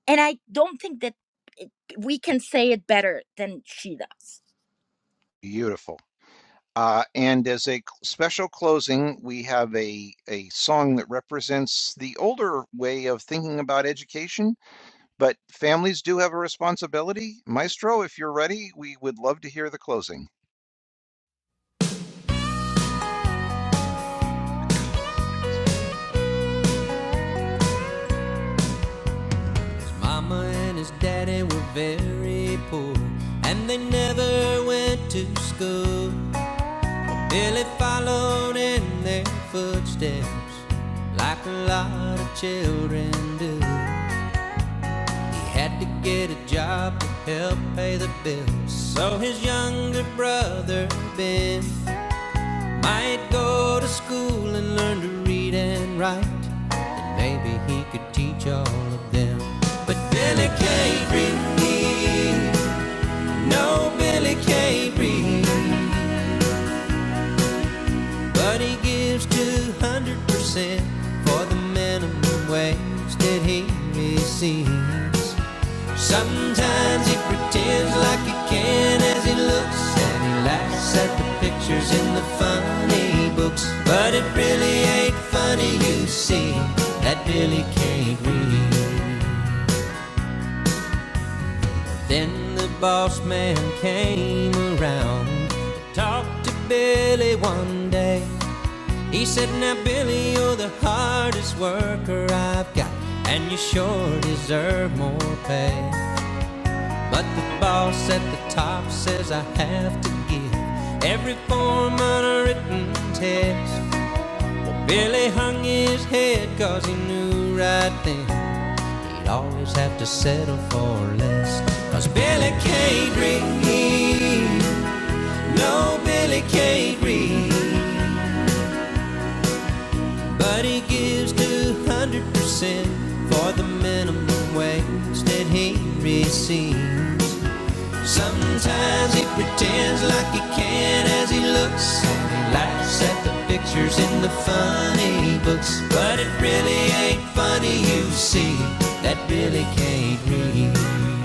And I don't think that it- we can say it better than she does.
Beautiful. Uh, and as a c- special closing, we have a a song that represents the older way of thinking about education, but families do have a responsibility. Maestro, if you're ready, we would love to hear the closing.
Mama and his daddy were very poor, and they never went to school. Billy followed in their footsteps like a lot of children do. He had to get a job to help pay the bills. So his younger brother, Ben, might go to school and learn to read and write. Maybe he could teach all of them. But Billy can't read. No, Billy can't read. But he gives 200% for the minimum wage that he receives. Sometimes he pretends like he can as he looks and he laughs at the pictures in the funny books. But it really ain't funny, you see, that Billy can't read. Then the boss man came around, talked to Billy one day. He said, Now, Billy, you're the hardest worker I've got, and you sure deserve more pay. But the boss at the top says I have to give every form on a written test. Billy hung his head 'cause he knew right then he'd always have to settle for less. 'Cause Billy can't read, no, Billy can't read. But he gives 200% for the minimum wage that he receives. Sometimes he pretends like he can as he looks. And he laughs at the pictures in the funny books. But it really ain't funny, you see. That really can't read.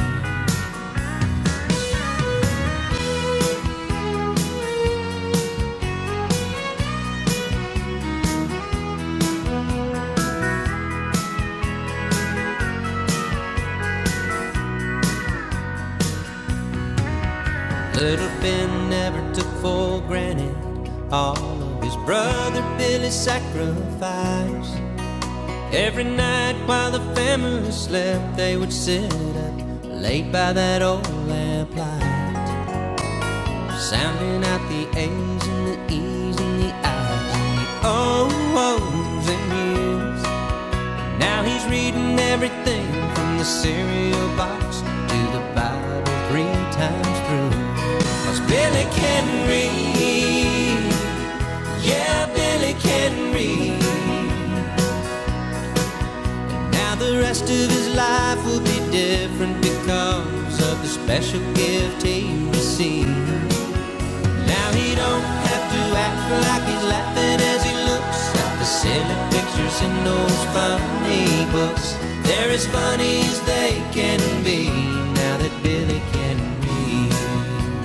Little Ben never took for granted all of his brother Billy's sacrifice. Every night while the family slept, they would sit up late by that old lamp light, sounding out the A's and the E's and the I's and the O's and U's. Now he's reading everything from the cereal box to the Bible three times through. 'Cause Billy can read, yeah, Billy can read. Now the rest of his life will be different because of the special gift he received. Now he don't have to act like he's laughing as he looks at the silly pictures in those funny books. They're as funny as they can be now that Billy can read.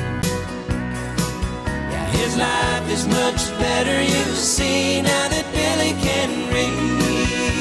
Now his life is much better, you see, now that Billy can read.